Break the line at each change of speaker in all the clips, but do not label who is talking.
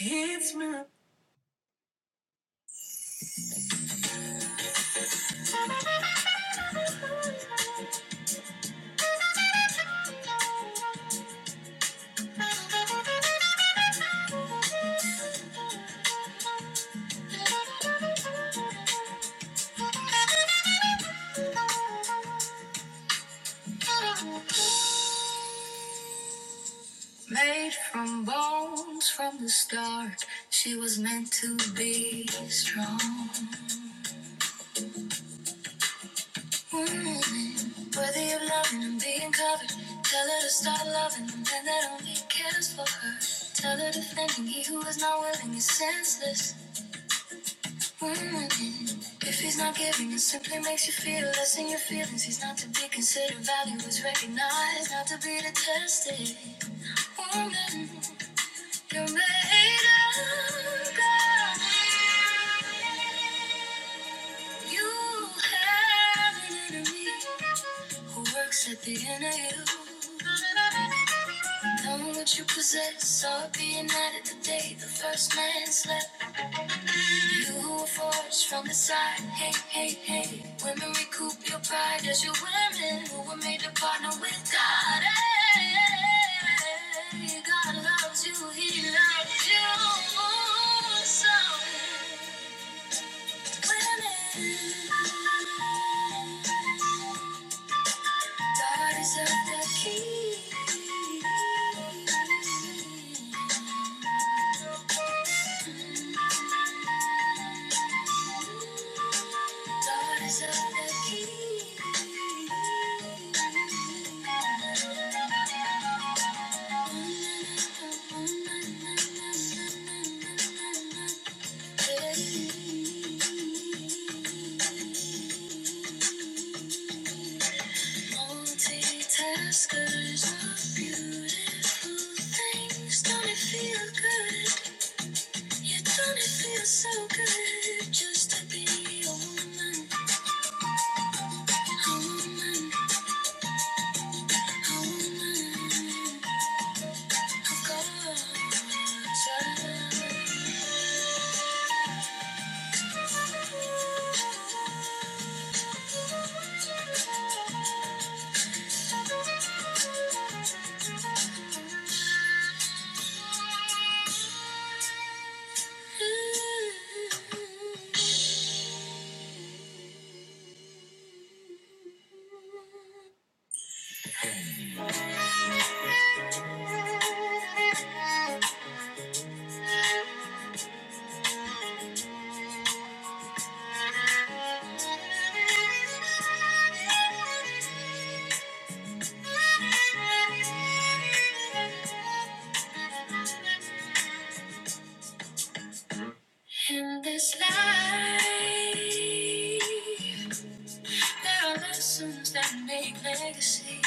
It's my Made from bones from the start, she was meant to be strong. Mm, Worthy of loving and being covered. Tell her to start loving the man that only cares for her. Tell her defending he who is not willing is senseless. Mm, If he's not giving, it simply makes you feel less in your feelings. He's not to be considered. Value is recognized, not to be detested. Woman, you're made of God. You have an enemy. Who works at the inner you? Knowing what you possess, saw it being added the day the first man slept. You who were forged from the side, hey, hey, hey. Women recoup your pride as your women who were made to partner with God. Hey, hey, hey. God loves you, He loves you. So, women. Daughters of the King. Daughters of the King. Multitaskers are beautiful things. Don't it feel good? Yeah, don't it feel so good just to be a woman? A woman. In this life, There are lessons that make legacy.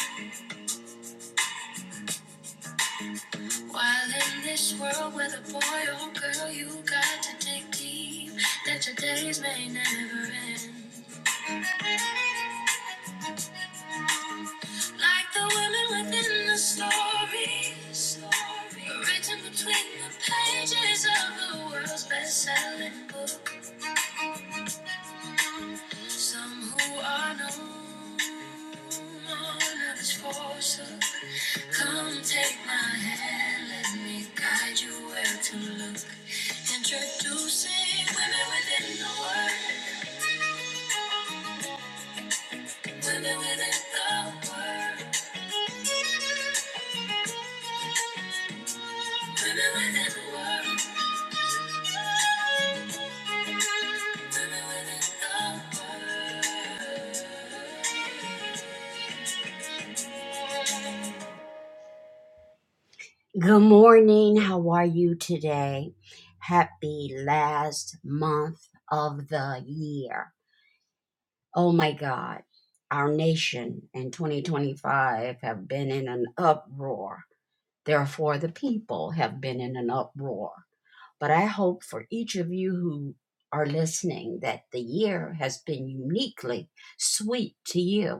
While in this world, whether boy or girl, you got to dig deep that your days may never end. Like the women within the story, written between the pages of the world's best-selling book. Some who are known, others for sure. Come take my hand, let me guide you where to look. Introducing women within the world, women within the world, women within the world, women within the world. Good morning. How are you today? Happy last month of the year. Oh my God. Our nation in 2025 have been in an uproar. Therefore, the people have been in an uproar. But I hope for each of you who are listening that the year has been uniquely sweet to you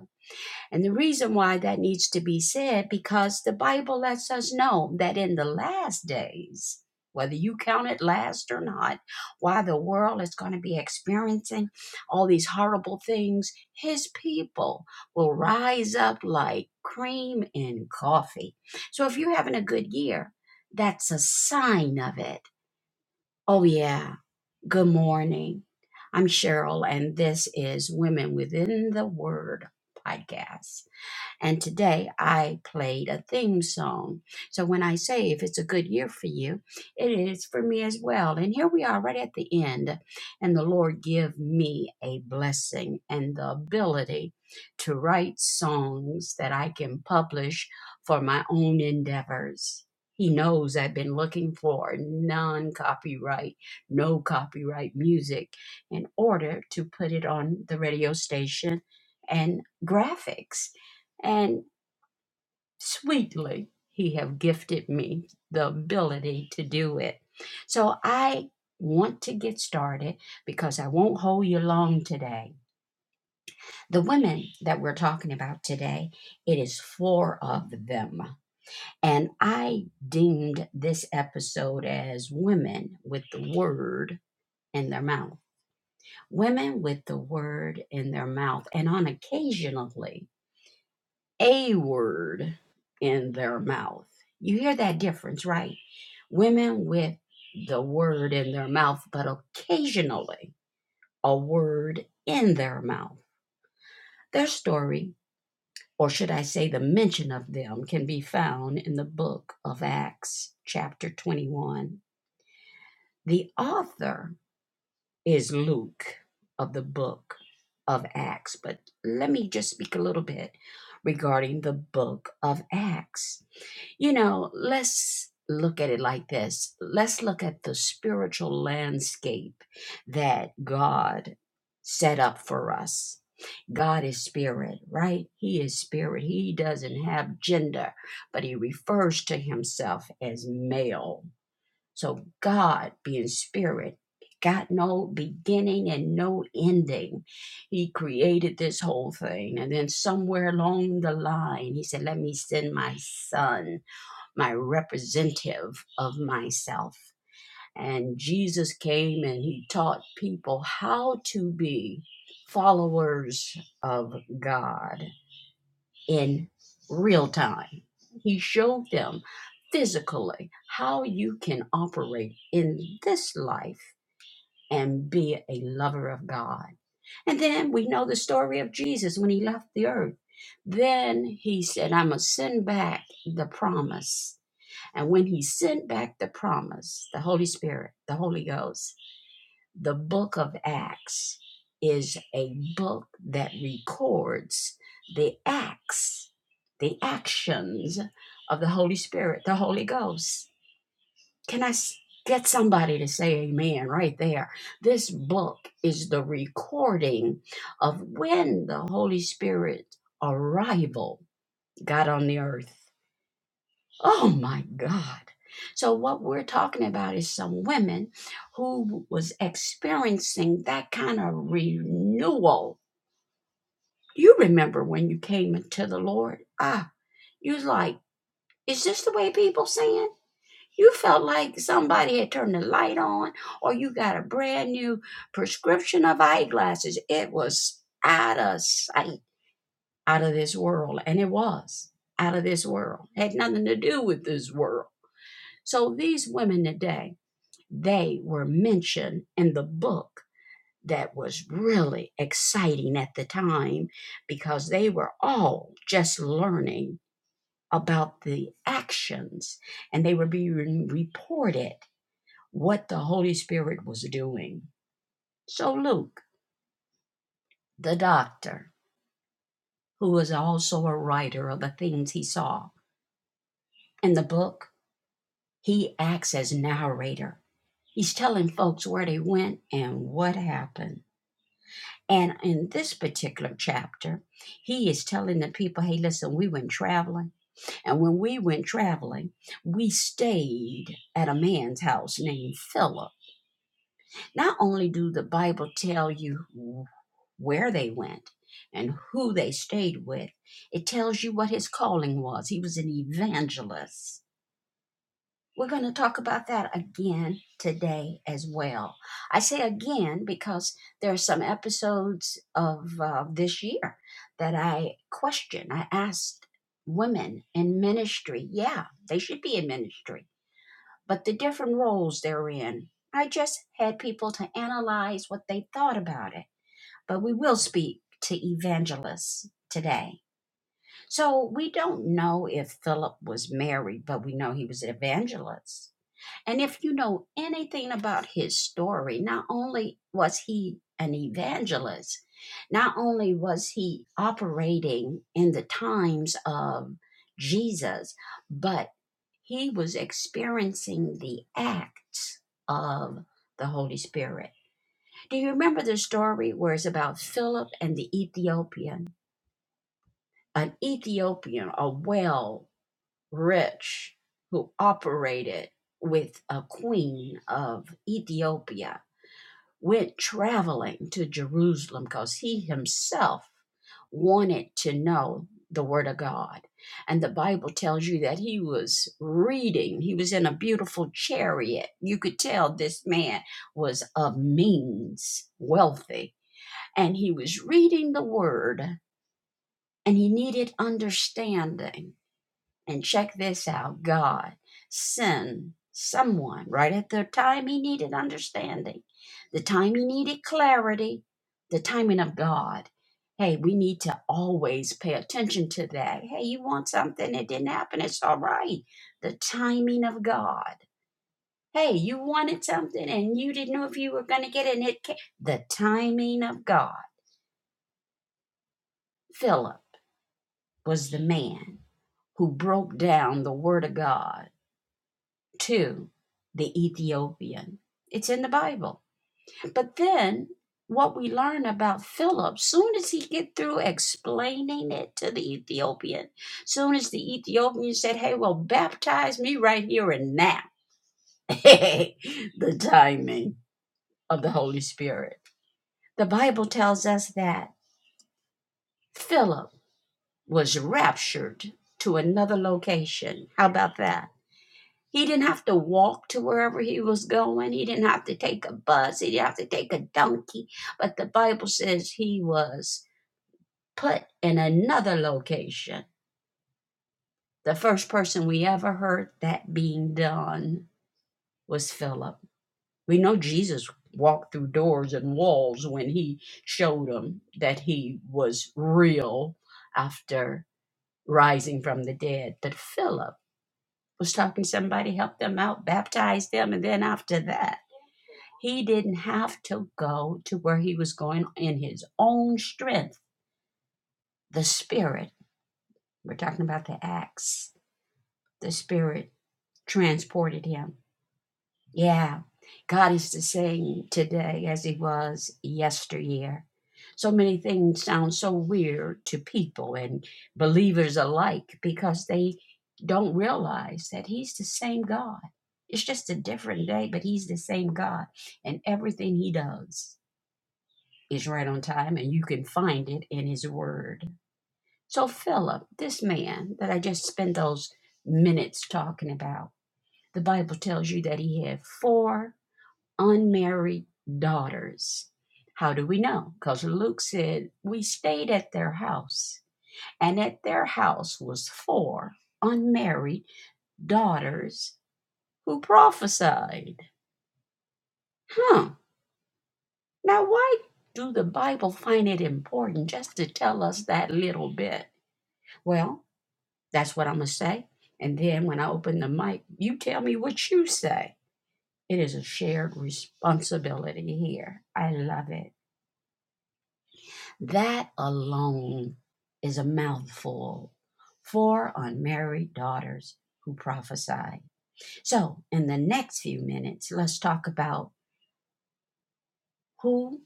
and the reason why that needs to be said, because the Bible lets us know that in the last days, whether you count it last or not, while the world is going to be experiencing all these horrible things, his people will rise up like cream in coffee. So if you're having a good year, that's a sign of it. Oh, yeah. Good morning. I'm Cheryl, and this is Women Within the Word podcast. And today I played a theme song. So when I say if it's a good year for you, it is for me as well. And here we are right at the end. And the Lord give me a blessing and the ability to write songs that I can publish for my own endeavors. He knows I've been looking for non copyright, no copyright music in order to put it on the radio station and graphics and sweetly he have gifted me the ability to do it so i want to get started because i won't hold you long today the women that we're talking about today it is four of them and i deemed this episode as women with the word in their mouth women with the word in their mouth and on occasionally a word in their mouth. You hear that difference, right? Women with the word in their mouth, but occasionally a word in their mouth. Their story, or should I say the mention of them, can be found in the book of Acts, chapter 21. The author is Luke of the book of Acts, but let me just speak a little bit regarding the book of Acts You know, let's look at it like this let's look at the spiritual landscape that God set up for us. God is spirit, right? He is spirit. He doesn't have gender, but he refers to himself as male. So, God being spirit, got no beginning and no ending. He created this whole thing. And then, somewhere along the line, he said, Let me send my son my representative of myself. And Jesus came and he taught people how to be followers of God in real time. He showed them physically how you can operate in this life and be a lover of God. And then we know the story of Jesus when he left the earth. Then he said, I must send back the promise and when he sent back the promise, the Holy Spirit, the Holy Ghost, the book of Acts is a book that records the acts, the actions of the Holy Spirit, the Holy Ghost. Can I get somebody to say amen right there? This book is the recording of when the Holy Spirit arrival got on the earth Oh my God. So what we're talking about is some women who was experiencing that kind of renewal. You remember when you came into the Lord? Ah, you was like, is this the way people saying? You felt like somebody had turned the light on, or you got a brand new prescription of eyeglasses. It was out of sight, out of this world, and it was out of this world. It Had nothing to do with this world. So these women today they were mentioned in the book that was really exciting at the time because they were all just learning about the actions and they were being reported what the Holy Spirit was doing. So, Luke, the doctor, who was also a writer of the things he saw in the book, he acts as narrator. He's telling folks where they went and what happened. And in this particular chapter, he is telling the people, hey, listen, we went traveling. And when we went traveling, we stayed at a man's house named Philip. Not only do the Bible tell you where they went and who they stayed with, it tells you what his calling was. He was an evangelist. We're going to talk about that again today as well. I say again because there are some episodes of uh, this year that I question. I asked women in ministry, yeah, they should be in ministry, but the different roles they're in. I just had people to analyze what they thought about it. But we will speak to evangelists today. So we don't know if Philip was married, but we know he was an evangelist and if you know anything about his story, not only was he an evangelist, not only was he operating in the times of Jesus, but he was experiencing the acts of the Holy Spirit. Do you remember the story where it's about Philip and the Ethiopian? An Ethiopian, a well rich who operated with a queen of Ethiopia went traveling to Jerusalem because he himself wanted to know the Word of God. And the Bible tells you that he was reading, he was in a beautiful chariot. You could tell this man was of means, wealthy, and he was reading the Word and he needed understanding and check this out God sent someone right at the time he needed understanding, the time he needed clarity, the timing of God. Hey, we need to always pay attention to that. Hey, you want something, it didn't happen, it's all right. The timing of God. Hey, you wanted something and you didn't know if you were going to get it, and it came. The timing of God. Philip was the man who broke down the Word of God to the Ethiopian. It's in the Bible. But then what we learn about Philip, soon as he get through explaining it to the Ethiopian, soon as the Ethiopian said, "Hey, well, baptize me right here and now," the timing of the Holy Spirit. The Bible tells us that Philip was raptured to another location. How about that? He didn't have to walk to wherever he was going. He didn't have to take a bus. He didn't have to take a donkey. But the Bible says he was put in another location. The first person we ever heard that being done was Philip. We know Jesus walked through doors and walls when he showed them that he was real after rising from the dead. But Philip was talking to somebody, helped them out, baptized them, and then after that, He didn't have to go to where he was going in his own strength. The Spirit, we're talking about the Acts, the Spirit transported him. Yeah, God is the same today as he was yesteryear. So many things sound so weird to people and believers alike because they don't realize that he's the same God. It's just a different day, but he's the same God in everything he does. is right on time and you can find it in his word. So, Philip, this man that I just spent those minutes talking about, the Bible tells you that he had four unmarried daughters. How do we know? Because Luke said, We stayed at their house, and at their house was four unmarried daughters who prophesied. Huh. Now, why do the Bible find it important just to tell us that little bit? Well, That's what I'm going to say. And then when I open the mic, you tell me what you say. It is a shared responsibility here. I love it. That alone is a mouthful for unmarried daughters who prophesy. So, in the next few minutes, let's talk about who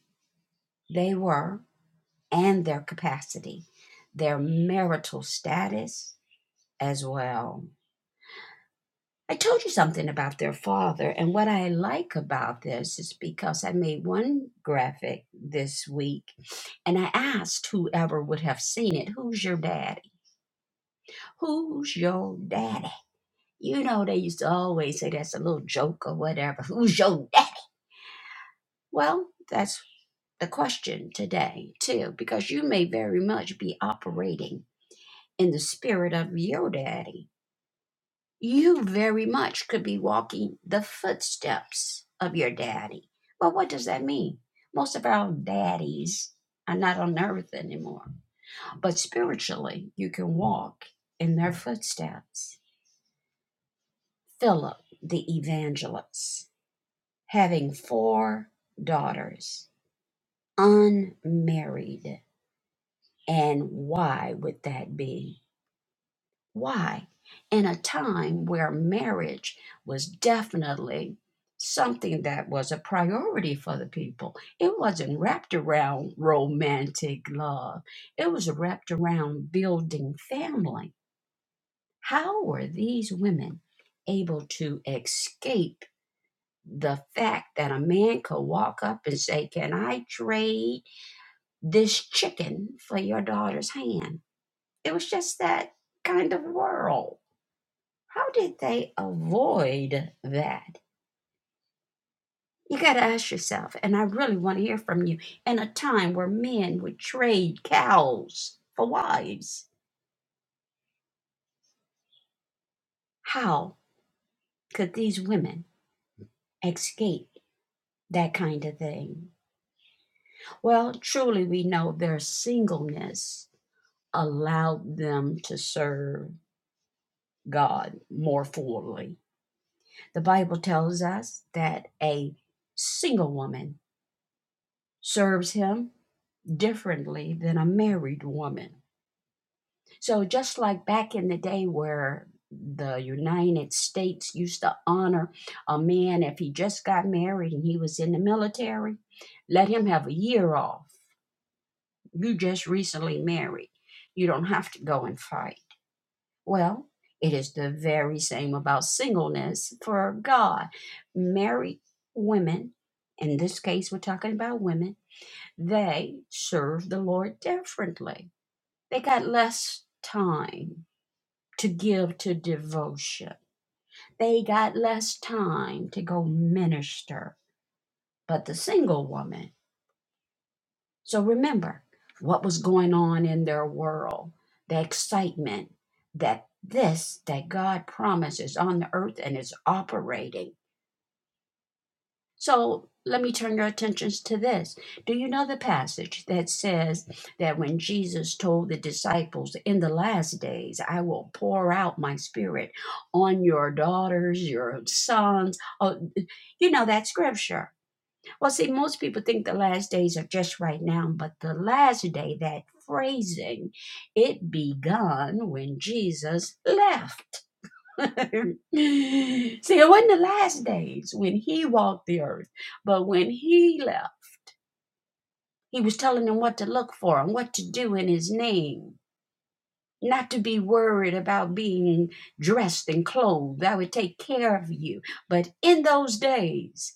they were and their capacity, their marital status as well. I told you something about their father, and what I like about this is because I made one graphic this week and I asked whoever would have seen it, Who's your daddy? Who's your daddy? You know, they used to always say that's a little joke or whatever. Who's your daddy? Well, that's the question today, too, because you may very much be operating in the spirit of your daddy You very much could be walking the footsteps of your daddy. Well, what does that mean? Most of our daddies are not on earth anymore, but spiritually, you can walk in their footsteps. Philip the evangelist, having four daughters, unmarried. And why would that be? Why? In a time where marriage was definitely something that was a priority for the people, it wasn't wrapped around romantic love, it was wrapped around building family. How were these women able to escape? The fact that a man could walk up and say, Can I trade this chicken for your daughter's hand? It was just that kind of world How did they avoid that? You got to ask yourself, and I really want to hear from you. In a time where men would trade cows for wives, how could these women escape that kind of thing? Well, truly, we know their singleness allowed them to serve God more fully. The Bible tells us that a single woman serves Him differently than a married woman. So just like back in the day where the United States used to honor a man if he just got married and he was in the military, let him have a year off. You just recently married. You don't have to go and fight. Well, it is the very same about singleness for God. Married women, in this case, we're talking about women, they serve the Lord differently. They got less time to give to devotion. They got less time to go minister, but the single woman. So remember what was going on in their world, the excitement that this that God promises on the earth and is operating So let me turn your attentions to this. Do you know the passage that says that when Jesus told the disciples, In the last days, I will pour out my spirit on your daughters, your sons? Oh, you know that scripture. Well, see, most people think the last days are just right now, but the last day, that phrasing, it begun when Jesus left. See, it wasn't the last days when he walked the earth, but when he left, he was telling them what to look for and what to do in his name, not to be worried about being dressed and clothed. I would take care of you. But in those days,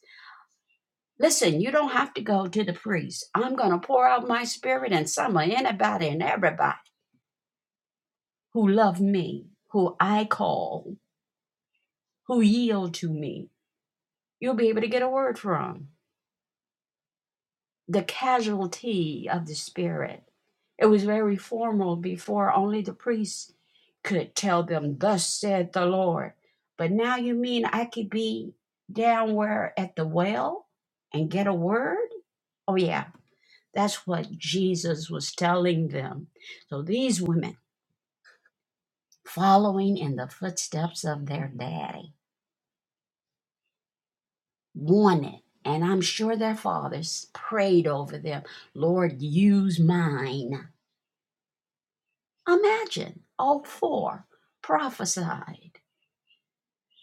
listen, you don't have to go to the priest. I'm going to pour out my spirit and some of anybody and everybody who love me, who I call, who yield to me. You'll be able to get a word from the casualty of the Spirit. It was very formal before, only the priests could tell them, Thus said the Lord. But now you mean I could be down where at the well and get a word? Oh, yeah, that's what Jesus was telling them. So these women, following in the footsteps of their daddy, wanted, and I'm sure their fathers prayed over them, Lord, use mine. Imagine all four prophesied.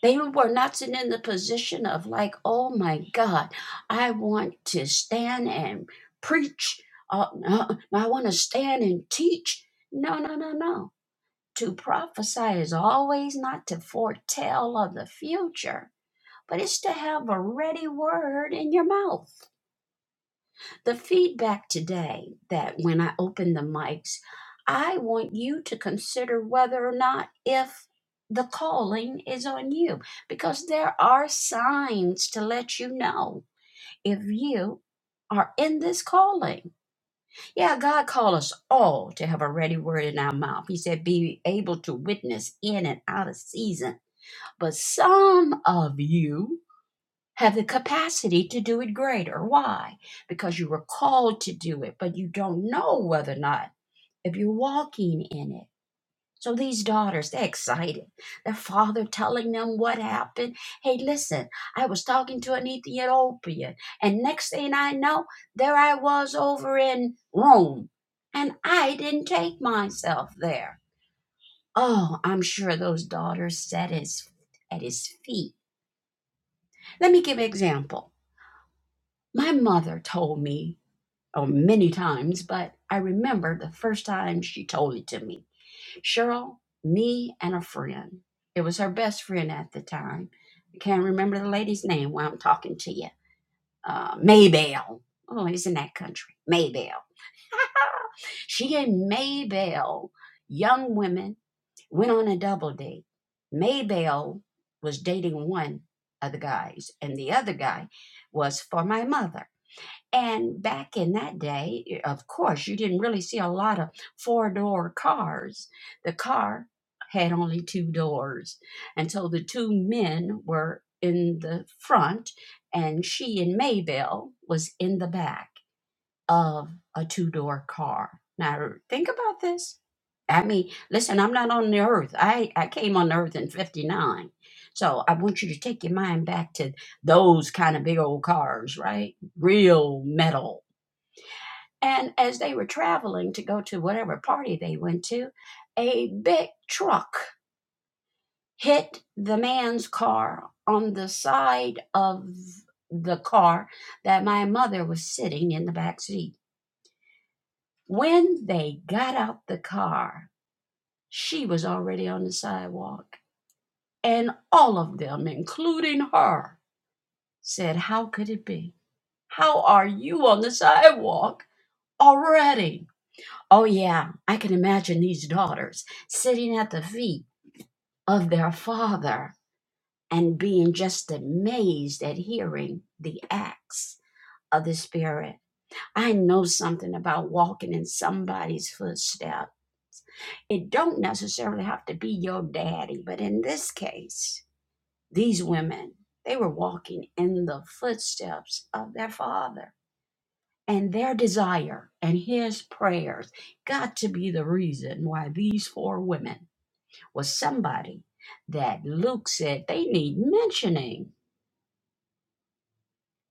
They were not sitting in the position of, like, oh my God, I want to stand and preach. Uh, no, I want to stand and teach. No, no, no, no. To prophesy is always not to foretell of the future, but it's to have a ready word in your mouth. The feedback today that when I open the mics, I want you to consider whether or not if the calling is on you, because there are signs to let you know if you are in this calling. Yeah, God called us all to have a ready word in our mouth. He said, be able to witness in and out of season. But some of you have the capacity to do it greater. Why? Because you were called to do it, but you don't know whether or not if you're walking in it. So these daughters, they're excited. Their father telling them what happened. Hey, listen, I was talking to an Ethiopian, and next thing I know, there I was over in Rome, and I didn't take myself there. Oh, I'm sure those daughters sat his, at his feet. Let me give an example. My mother told me oh, many times, but I remember the first time she told it to me. Cheryl, me, and a friend. It was her best friend at the time. I can't remember the lady's name while I'm talking to you. Uh, Maybell. Oh, it is in that country. Maybelle. She and Maybelle, young women, went on a double date. Maybelle was dating one of the guys, and the other guy was for my mother. And back in that day, of course, you didn't really see a lot of four door cars. The car had only two doors. And so the two men were in the front, and she and Maybelle was in the back of a two door car. Now think about this. I mean, listen, I'm not on the earth. I, I came on the earth in 59. So I want you to take your mind back to those kind of big old cars, right? Real metal. And as they were traveling to go to whatever party they went to, a big truck hit the man's car on the side of the car that my mother was sitting in the back seat. When they got out the car, she was already on the sidewalk. And all of them, including her, said, How could it be? How are you on the sidewalk already? Oh, yeah, I can imagine these daughters sitting at the feet of their father and being just amazed at hearing the acts of the Spirit. I know something about walking in somebody's footsteps. It don't necessarily have to be your daddy, but in this case, these women, they were walking in the footsteps of their father. And their desire and his prayers got to be the reason why these four women was somebody that Luke said they need mentioning.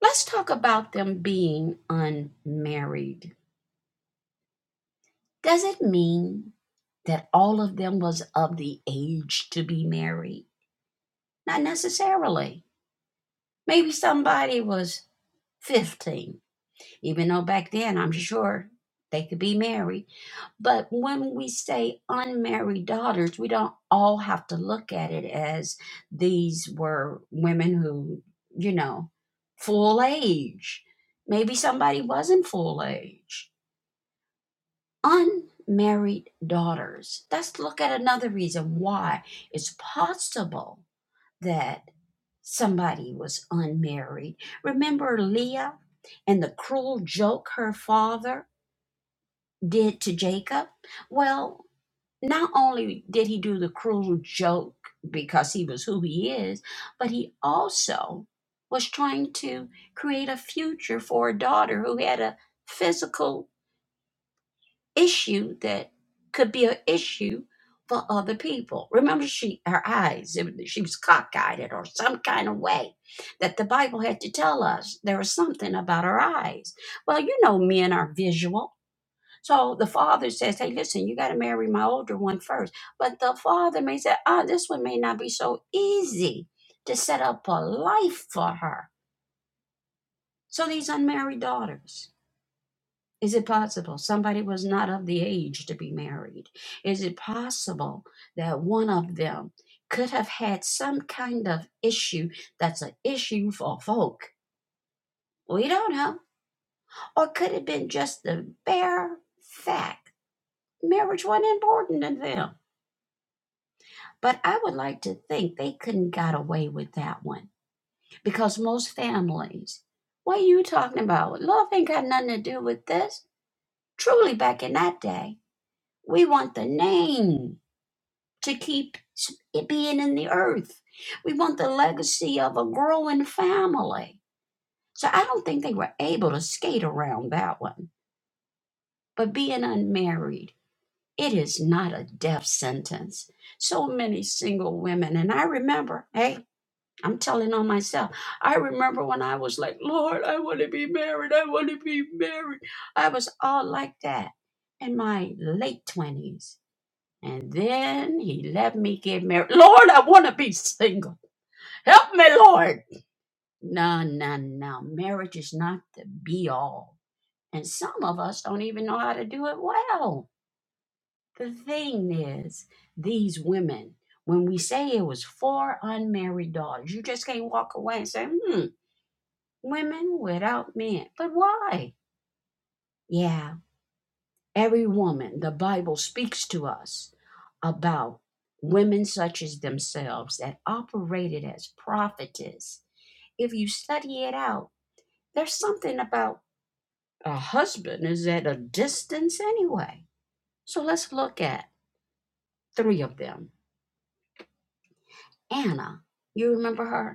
Let's talk about them being unmarried. Does it mean that all of them was of the age to be married? Not necessarily. Maybe somebody was 15, even though back then I'm sure they could be married. But when we say unmarried daughters, we don't all have to look at it as these were women who, you know, full age. Maybe somebody wasn't full age unmarried daughters. Let's look at another reason why it's possible that somebody was unmarried. Remember Leah and the cruel joke her father did to Jacob? Well, not only did he do the cruel joke because he was who he is, but he also was trying to create a future for a daughter who had a physical issue that could be an issue for other people. Remember, she her eyes it- she was cockeyed it or some kind of way that the Bible had to tell us there was something about her eyes. Well, you know, men are visual. So the father says, "Hey, listen, you got to marry my older one first." But the father may say, "Ah, this one may not be so easy to set up a life for her." So these unmarried daughters. Is it possible somebody was not of the age to be married? Is it possible that one of them could have had some kind of issue that's an issue for folk? We don't know. Or could it been just the bare fact marriage wasn't important to them? But I would like to think they couldn't got away with that one because most families, what are you talking about? Love ain't got nothing to do with this. Truly, back in that day, we want the name. to keep it being in the earth. We want the legacy of a growing family. So I don't think they were able to skate around that one. But being unmarried, it is not a death sentence. So many single women, and I remember, hey, I'm telling on myself. I remember when I was like, Lord, I want to be married. I want to be married. I was all like that in my late 20s and then he let me get married. Lord, I want to be single. Help me, Lord. No, no, no. Marriage is not the be all. And some of us don't even know how to do it well. The thing is, these women, when we say it was four unmarried daughters, you just can't walk away and say, hmm, women without men. But why? Yeah, Every woman, the Bible speaks to us about women such as themselves that operated as prophetess. If you study it out, there's something about a husband is at a distance anyway. So let's look at three of them. Anna, you remember her?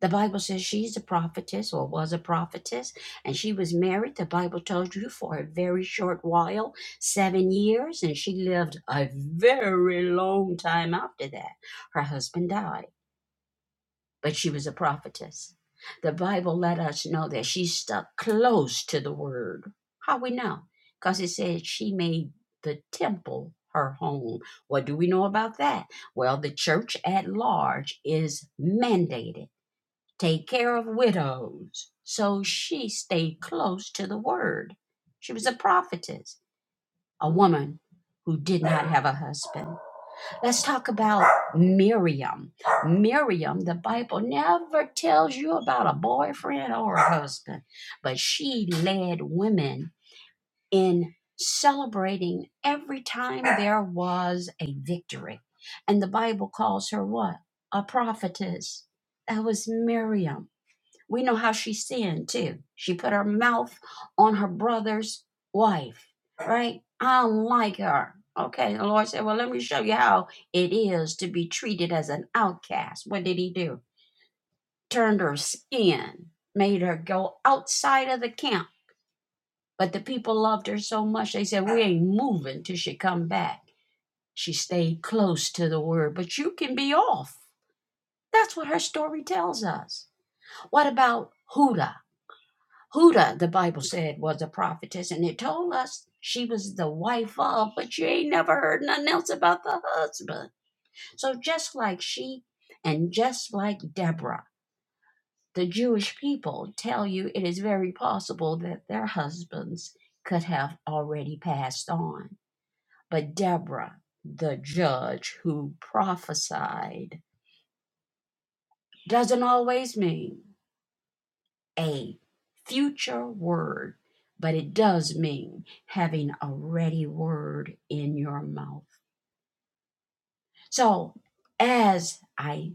The Bible says she's a prophetess or was a prophetess, and she was married, the Bible tells you, for a very short while seven years and she lived a very long time after that. Her husband died, but she was a prophetess. The Bible let us know that she stuck close to the word. How we know? Because it says she made the temple her home. What do we know about that? Well, the church at large is mandated take care of widows. So she stayed close to the word. She was a prophetess, a woman who did not have a husband. Let's talk about Miriam. Miriam, the Bible never tells you about a boyfriend or a husband, but she led women in celebrating every time there was a victory. And the Bible calls her what? A prophetess. That was Miriam. We know how she sinned too. She put her mouth on her brother's wife, right? I don't like her. Okay, the Lord said, Well, let me show you how it is to be treated as an outcast. What did he do? Turned her skin, made her go outside of the camp. But the people loved her so much, they said, We ain't moving till she come back. She stayed close to the word, but you can be off. That's what her story tells us. What about Huda? Huda, the Bible said, was a prophetess, and it told us she was the wife of, but you ain't never heard nothing else about the husband. So just like she and just like Deborah, the Jewish people tell you it is very possible that their husbands could have already passed on. But Deborah, the judge who prophesied, doesn't always mean. a future word, but it does mean having a ready word in your mouth. So, as I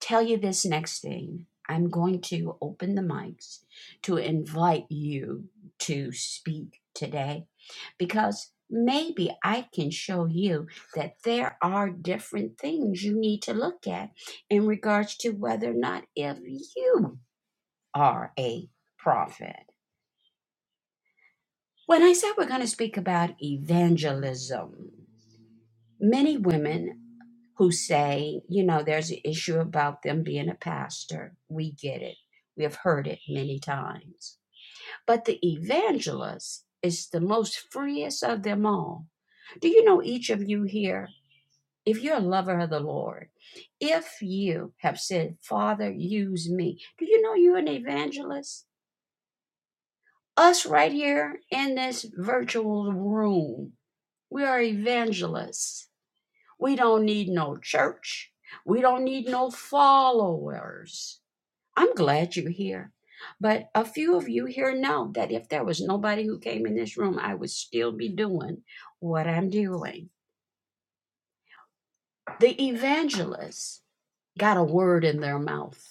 tell you this next thing, I'm going to open the mics to invite you to speak today because maybe I can show you that there are different things you need to look at in regards to whether or not if you are a prophet. When I said we're going to speak about evangelism, many women who say, you know, there's an issue about them being a pastor, we get it. We have heard it many times. But the evangelist is the most freest of them all. Do you know each of you here? If you're a lover of the Lord, if you have said, Father, use me, do you know you're an evangelist? Us right here in this virtual room We are evangelists. We don't need no church. We don't need no followers. I'm glad you're here. But a few of you here know that if there was nobody who came in this room, I would still be doing what I'm doing. The evangelist got a word in their mouth.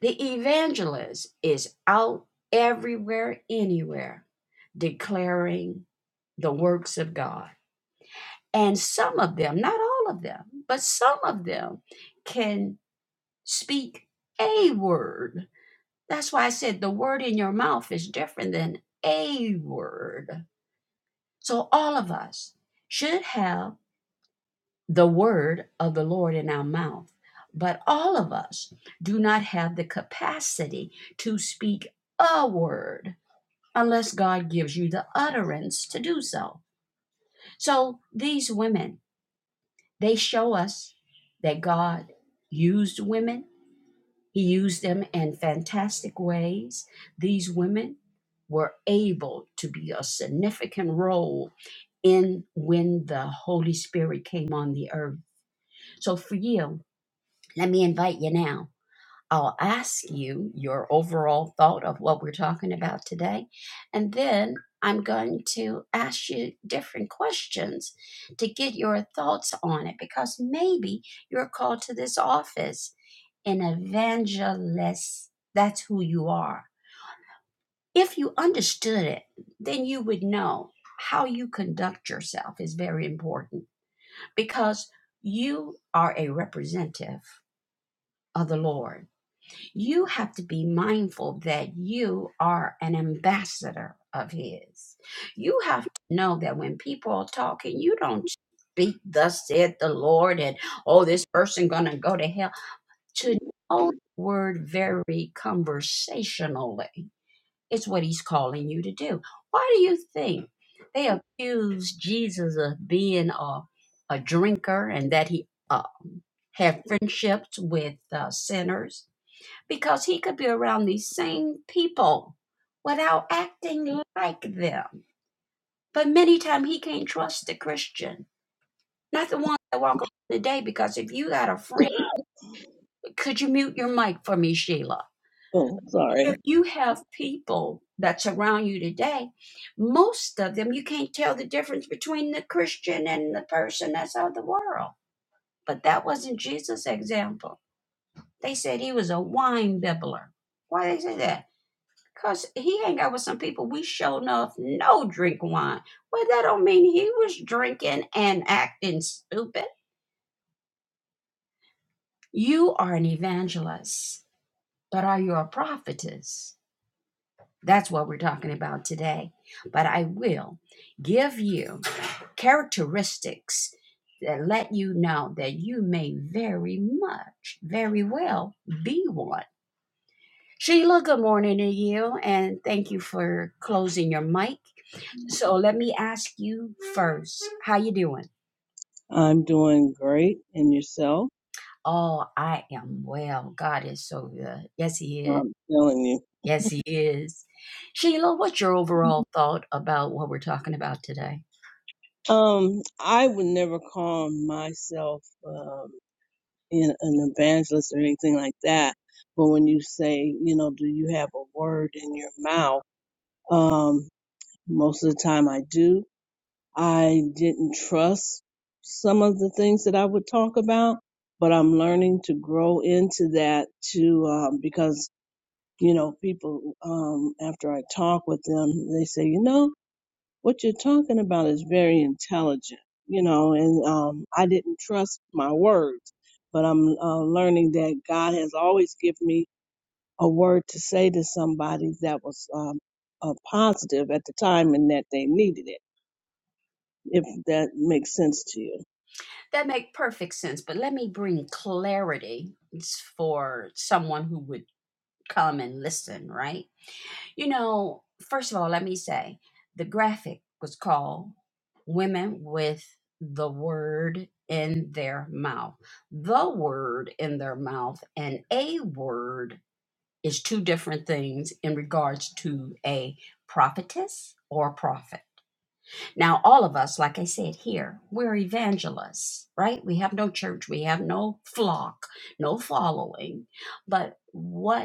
The evangelist is out everywhere, anywhere, declaring the works of God. And some of them, not all of them, but some of them can speak a word. That's why I said the word in your mouth is different than a word. So all of us should have the word of the Lord in our mouth, but all of us do not have the capacity to speak a word unless God gives you the utterance to do so. So these women They show us that God used women, He used them in fantastic ways. These women were able to be a significant role in when the Holy Spirit came on the earth. So for you, let me invite you now I'll ask you your overall thought of what we're talking about today. And then I'm going to ask you different questions to get your thoughts on it because maybe you're called to this office an evangelist. That's who you are. If you understood it, then you would know how you conduct yourself is very important because you are a representative of the Lord you have to be mindful that you are an ambassador of his. You have to know that when people are talking, you don't speak thus said the Lord and oh this person gonna go to hell. To know the word very conversationally is what he's calling you to do. Why do you think they accused Jesus of being a, a drinker and that he uh, had friendships with uh, sinners? because he could be around these same people without acting like them. But many times he can't trust the Christian, not the one that walk around today. Because if you got a friend, could you mute your mic for me, Sheila?
Oh,
If
sorry.
you have people that surround you today, most of them you can't tell the difference between the Christian and the person that's of the world. But that wasn't Jesus' example. They said he was a wine bibbler. Why they say that? Cause he hang out with some people we show enough no drink wine. Well, that don't mean he was drinking and acting stupid. You are an evangelist, but are you a prophetess? That's what we're talking about today. But I will give you characteristics that let you know that you may very much, very well be one. Sheila, good morning to you, and thank you for closing your mic. So let me ask you first, how you doing?
I'm doing great. And yourself?
Oh, I am well. God is so good. Yes, he is.
I'm telling you.
Yes, he is. Sheila, what's your overall thought about what we're talking about today?
Um, I would never call myself um, an an evangelist or anything like that. But when you say, you know, do you have a word in your mouth? Um, most of the time I do. I didn't trust some of the things that I would talk about, but I'm learning to grow into that too um, because you know, people, um, after I talk with them, they say, you know, what you're talking about is very intelligent, you know, and, um, I didn't trust my words, but I'm uh, learning that God has always given me a word to say to somebody that was, um, uh, positive at the time and that they needed it, if that makes sense to you.
That make perfect sense, but let me bring clarity for someone who would come and listen, right? You know, first of all, let me say the graphic was called Women with the Word in Their Mouth. The word in their mouth and a word is two different things in regards to a prophetess or prophet. Now, all of us, like I said here, we're evangelists, right? We have no church, we have no flock, no following. But what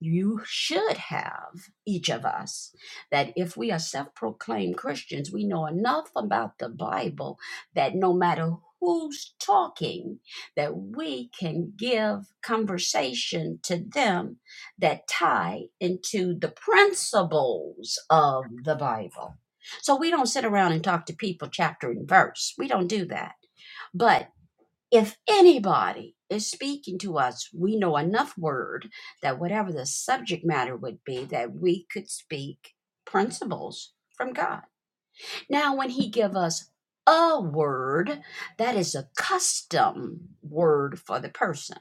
you should have each of us that if we are self-proclaimed christians we know enough about the bible that no matter who's talking that we can give conversation to them that tie into the principles of the bible so we don't sit around and talk to people chapter and verse we don't do that but if anybody is speaking to us, we know enough word that whatever the subject matter would be, that we could speak principles from God. Now, when he give us a word, that is a custom word for the person.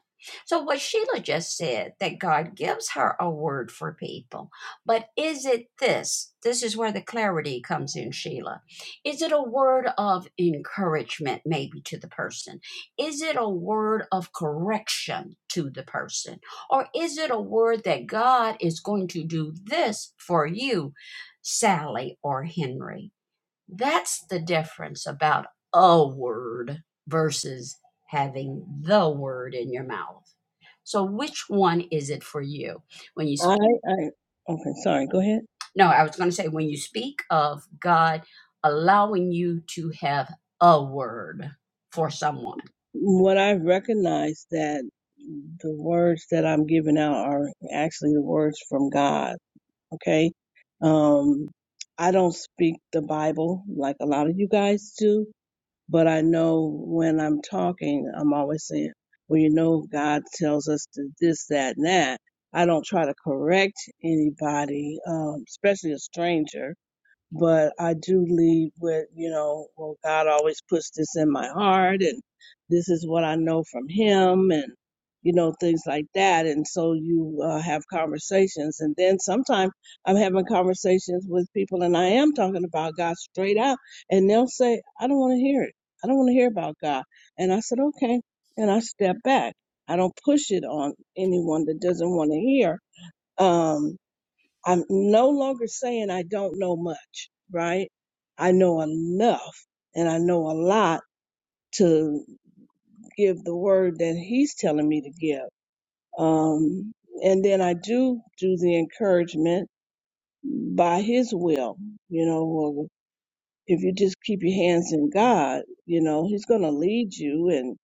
So what Sheila just said, that God gives her a word for people. But is it this? This is where the clarity comes in, Sheila. Is it a word of encouragement, maybe to the person? Is it a word of correction to the person? Or is it a word that God is going to do this for you, Sally or Henry? That's the difference about a word versus having the word in your mouth. So, which one is it for you? When you speak?
I, I, okay, sorry, go ahead.
No, I was going to say when you speak of God allowing you to have a word for someone.
What I've recognized that the words that I'm giving out are actually the words from God. Okay. Um, I don't speak the Bible like a lot of you guys do, but I know when I'm talking, I'm always saying, well, you know, God tells us to this, that, and that. I don't try to correct anybody, um, especially a stranger but I do lead with, you know, well, God always puts this in my heart and this is what I know from Him and, you know, things like that. And so you uh, have conversations. And then sometimes I'm having conversations with people and I am talking about God straight out and they'll say, I don't want to hear it. I don't want to hear about God. And I said, okay. And I step back. I don't push it on anyone that doesn't want to hear. Um, I'm no longer saying I don't know much, right? I know enough and I know a lot to give the word that he's telling me to give. Um, and then I do do the encouragement by his will. You know, well, if you just keep your hands in God, you know, he's going to lead you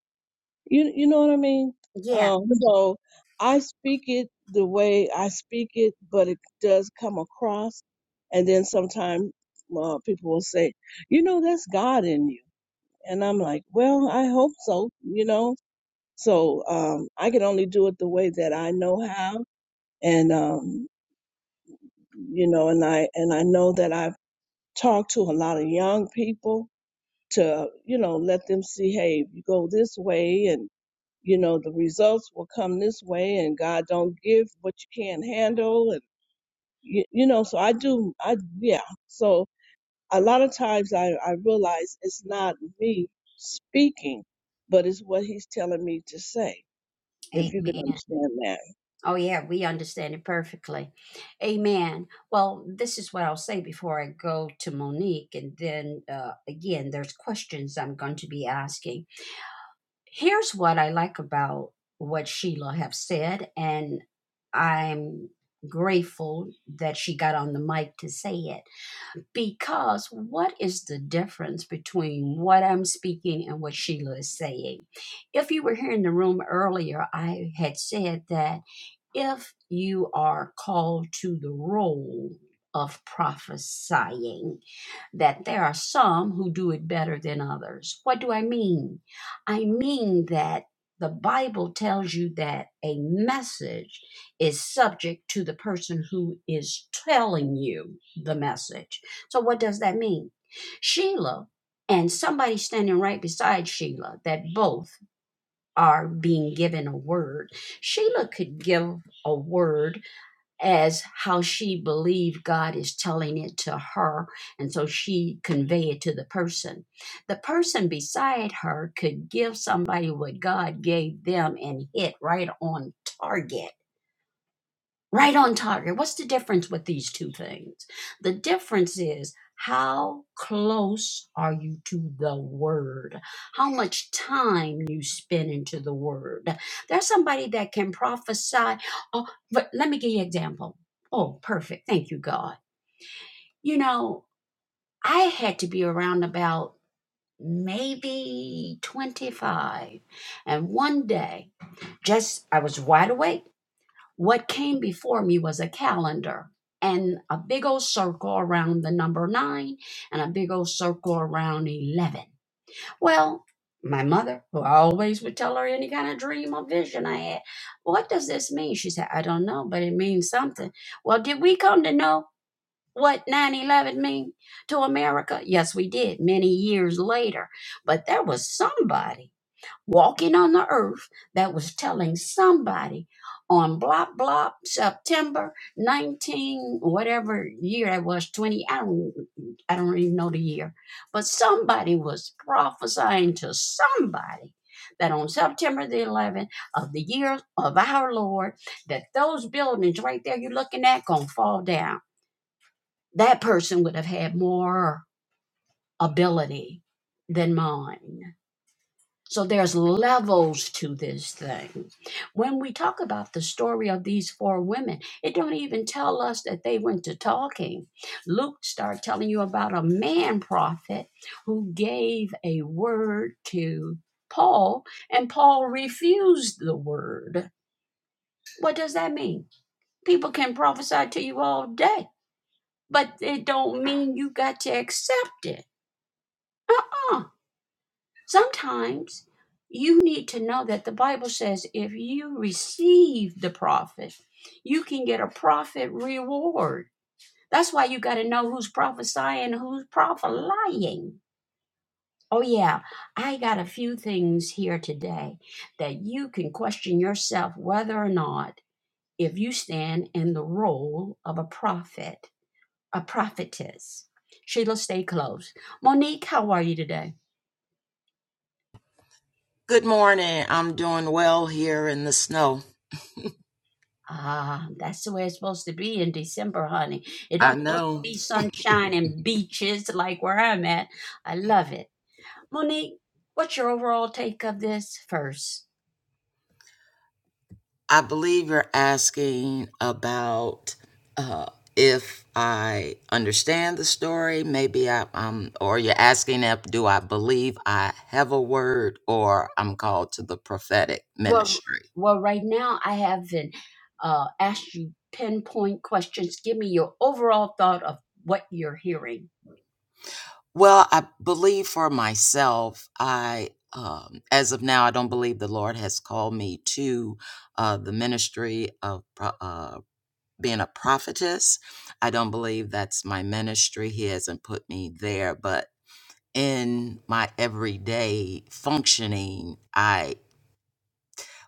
You you know what I mean?
Yeah.
Um, so I speak it the way I speak it, but it does come across. And then sometimes uh, people will say, you know, that's God in you, and I'm like, well, I hope so. You know, so um, I can only do it the way that I know how, and um, you know, and I and I know that I've talked to a lot of young people to you know let them see, hey, you go this way, and you know the results will come this way and god don't give what you can't handle and you, you know so i do i yeah so a lot of times i i realize it's not me speaking but it's what he's telling me to say if you can
Amen.
understand that
Oh, yeah, we understand it perfectly. Amen. Well, this is what I'll say before I go to Monique. And then uh, again, there's questions I'm going to be asking. Here's what I like about what Sheila have said, and I'm grateful that she got on the mic to say it because what is the difference between what I'm speaking and what Sheila is saying? If you were here in the room earlier, I had said that if you are called to the role of prophesying, that there are some who do it better than others. What do I mean? I mean that the Bible tells you that a message is subject to the person who is telling you the message. So, what does that mean? Sheila and somebody standing right beside Sheila, that both are being given a word. Sheila could give a word as how she believed God is telling it to her, and so she convey it to the person. The person beside her could give somebody what God gave them and hit right on target Right on target. What's the difference with these two things? The difference is how close are you to the word? How much time you spend into the word? There's somebody that can prophesy. Oh, but let me give you an example. Oh, perfect. Thank you, God. You know, I had to be around about maybe 25. And one day, just I was wide awake what came before me was a calendar and a big old circle around the number nine and a big old circle around 11. Well, my mother, who I always would tell her any kind of dream or vision I had, what does this mean? She said, I don't know, but it means something. Well, did we come to know what 9 11 mean to America? Yes, we did many years later. But there was somebody walking on the earth that was telling somebody on blop blop September 19 whatever year that was 20 I don't I don't even know the year but somebody was prophesying to somebody that on September the 11th of the year of our Lord that those buildings right there you're looking at going to fall down that person would have had more ability than mine so there's levels to this thing. When we talk about the story of these four women, it don't even tell us that they went to talking. Luke start telling you about a man prophet who gave a word to Paul and Paul refused the word. What does that mean? People can prophesy to you all day, but it don't mean you got to accept it. Uh Sometimes you need to know that the Bible says if you receive the prophet, you can get a prophet reward. That's why you got to know who's prophesying, who's prophesying. Oh, yeah, I got a few things here today that you can question yourself whether or not if you stand in the role of a prophet, a prophetess. Sheila, stay close. Monique, how are you today?
Good morning. I'm doing well here in the snow.
Ah, that's the way it's supposed to be in December, honey. It
I
don't supposed
know.
to be sunshine and beaches like where I'm at. I love it. Monique, what's your overall take of this first?
I believe you're asking about uh, if I understand the story. Maybe I, um, or you're asking if do I believe I have a word or I'm called to the prophetic
Well,
ministry.
well, right now I haven't uh, asked you pinpoint questions. Give me your overall thought of what you're hearing.
Well, I believe for myself. I, um, as of now, I don't believe the Lord has called me to uh, the ministry of prophecy being a prophetess. I don't believe that's my ministry. He hasn't put me there, but in my everyday functioning, I,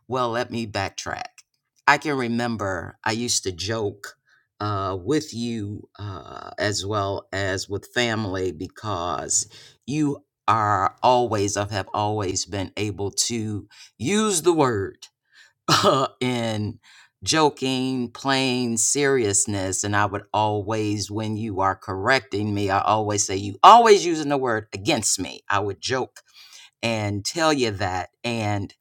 well, let me backtrack. I can remember I used to joke uh, with you uh, as well as with family because you are always, I have always been able to use the word in joking, plain seriousness. And I would always, when you are correcting me, I always say, You always using the word against me. I would joke and tell you that. And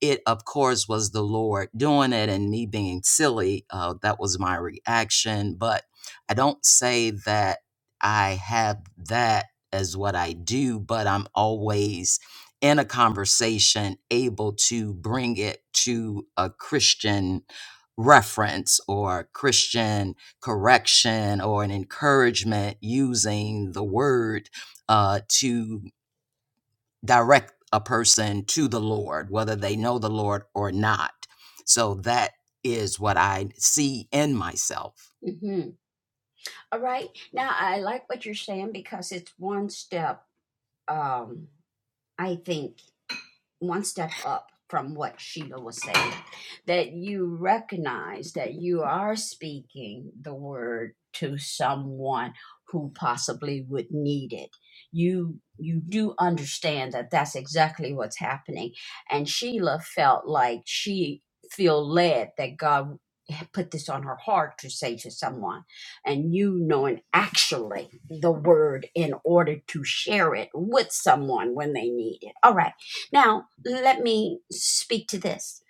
it, of course, was the Lord doing it and me being silly. Uh, that was my reaction. But I don't say that I have that as what I do, but I'm always in a conversation able to bring it to a Christian reference or Christian correction or an encouragement using the word uh, to direct a person to the Lord, whether they know the Lord or not. So that is what I see in myself.
Mm-hmm. All right. Now I like what you're saying because it's one step. Um, I think one step up from what Sheila was saying, that you recognize that you are speaking the word to someone who possibly would need it. You you do understand that that's exactly what's happening, and Sheila felt like she feel led that God had put this on her heart to say to someone, and you knowing actually the word in order to share it with someone when they need it. All right. Now, let me speak to this.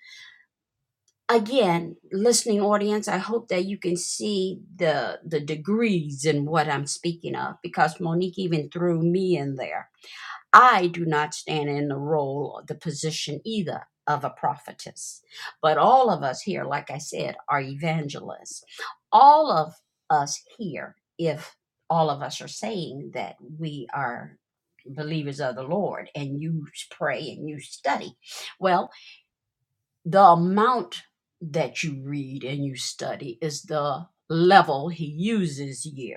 Again, listening audience, I hope that you can see the the degrees in what I'm speaking of because Monique even threw me in there. I do not stand in the role or the position either of a prophetess. But all of us here, like I said, are evangelists. All of us here, if all of us are saying that we are believers of the Lord and you pray and you study, well, the amount that you read and you study is the level he uses you.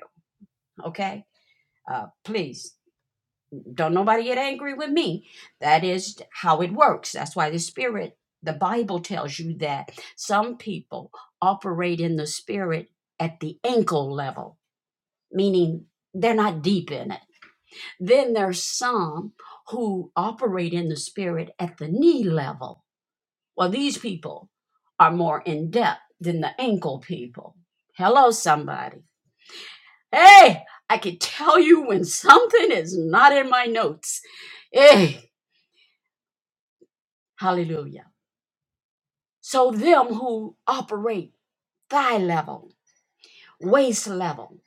Okay? Uh, please don't nobody get angry with me. That is how it works. That's why the spirit, the Bible tells you that some people operate in the spirit at the ankle level, meaning they're not deep in it. Then there's some who operate in the spirit at the knee level. Well, these people are more in depth than the ankle people. Hello, somebody. Hey, I can tell you when something is not in my notes. Hey. Hallelujah. So them who operate thigh level, waist level,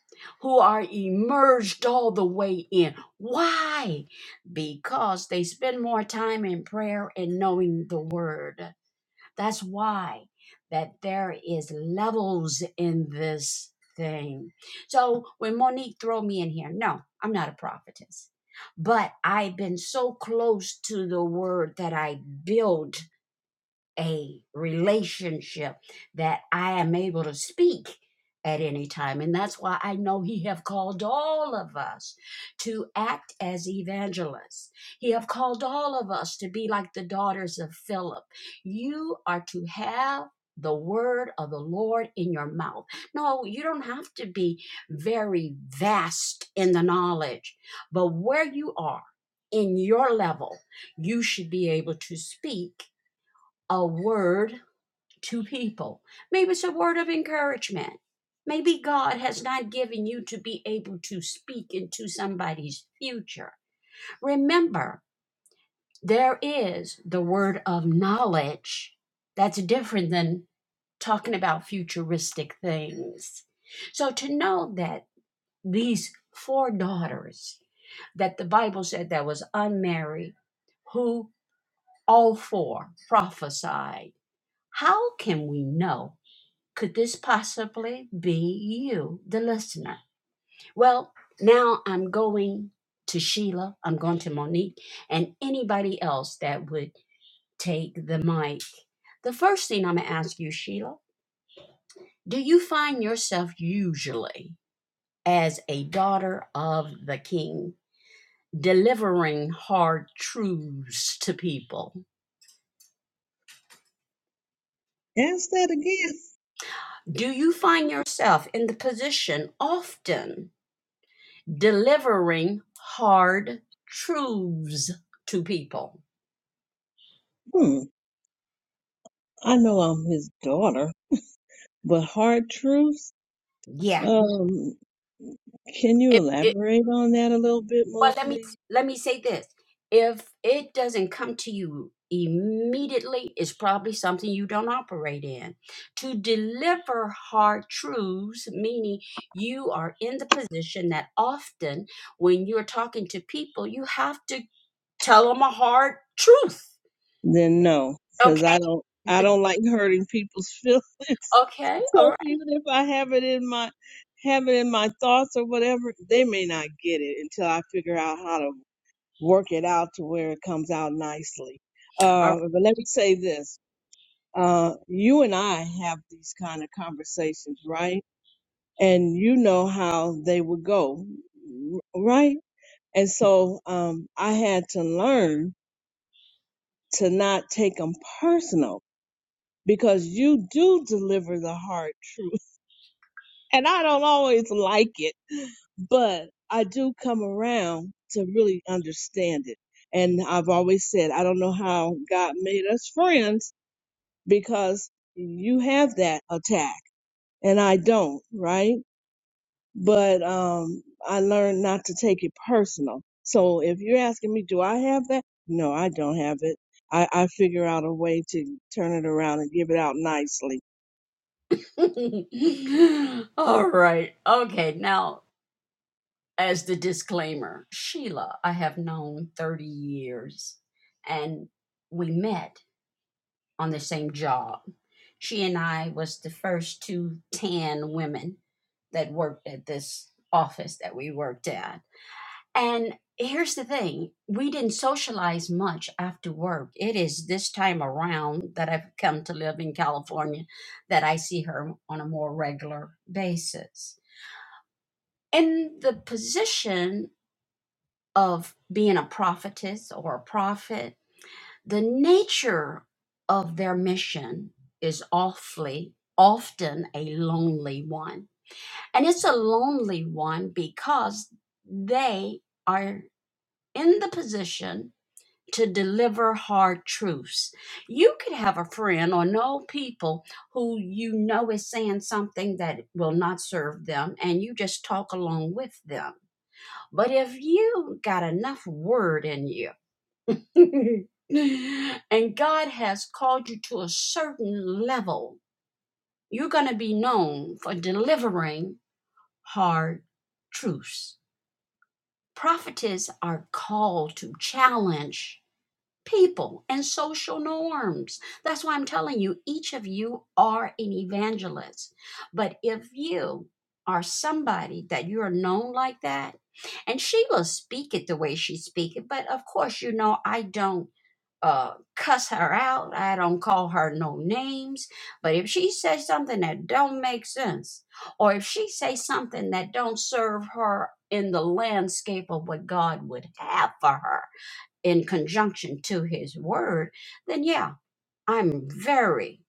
who are emerged all the way in. Why? Because they spend more time in prayer and knowing the word. That's why that there is levels in this thing. So when Monique throw me in here, no, I'm not a prophetess. But I've been so close to the word that I build a relationship that I am able to speak at any time and that's why I know he have called all of us to act as evangelists. He have called all of us to be like the daughters of Philip. You are to have the word of the Lord in your mouth. No, you don't have to be very vast in the knowledge, but where you are in your level, you should be able to speak a word to people. Maybe it's a word of encouragement. Maybe God has not given you to be able to speak into somebody's future. Remember, there is the word of knowledge that's different than talking about futuristic things. So to know that these four daughters that the Bible said that was unmarried, who all four prophesied, how can we know? Could this possibly be you, the listener? Well, now I'm going to Sheila, I'm going to Monique, and anybody else that would take the mic. The first thing I'm going to ask you, Sheila, do you find yourself usually as a daughter of the king delivering hard truths to people?
ask that again
Do you find yourself in the position often? delivering hard truths to people.
hmm i know i'm his daughter but hard truths
Yeah.
um can you
If it,
elaborate on that a little bit
well,
more
let me
please
let me say this: if it doesn't come to you immediately, it's probably something you don't operate in. To deliver hard truths, meaning you are in the position that often when you're talking to people, you have to tell them a hard truth.
then no
Okay.
because i don't i don't like hurting people's feelings
Okay.
So
All right.
even if I have it in my have it in my thoughts or whatever, they may not get it until I figure out how to work it out to where it comes out nicely.
All
Uh, but let me say this: uh, you and I have these kind of conversations, right? And you know how they would go, r- right? And so um, I had to learn to not take them personal because you do deliver the hard truth, and I don't always like it but I do come around to really understand it. And I've always said, I don't know how God made us friends because you have that attack and I don't, right? But, um, I learned not to take it personal. So if you're asking me, do I have that? No, I don't have it. I, I figure out a way to turn it around and give it out nicely.
All right. Okay. Now, as the disclaimer, Sheila, I have known 30 years and we met on the same job. She and I was the first two tan women that worked at this office that we worked at. And here's the thing we didn't socialize much after work. It is this time around that I've come to live in California that I see her on a more regular basis. In the position of being a prophetess or a prophet, the nature of their mission is awfully often a lonely one. And it's a lonely one because they are in the position to deliver hard truths. You could have a friend or know people who you know is saying something that will not serve them, and you just talk along with them. But if you got enough word in you, and God has called you to a certain level, you're going to be known for delivering hard truths. Prophetess are called to challenge people and social norms. That's why I'm telling you, each of you are an evangelist. But if you are somebody that you are known like that, and she will speak it the way she speak it, but of course, you know, I don't uh cuss her out. I don't call her no names. But if she says something that don't make sense, or if she says something that don't serve her in the landscape of what God would have for her, in conjunction to his word, then yeah, I'm very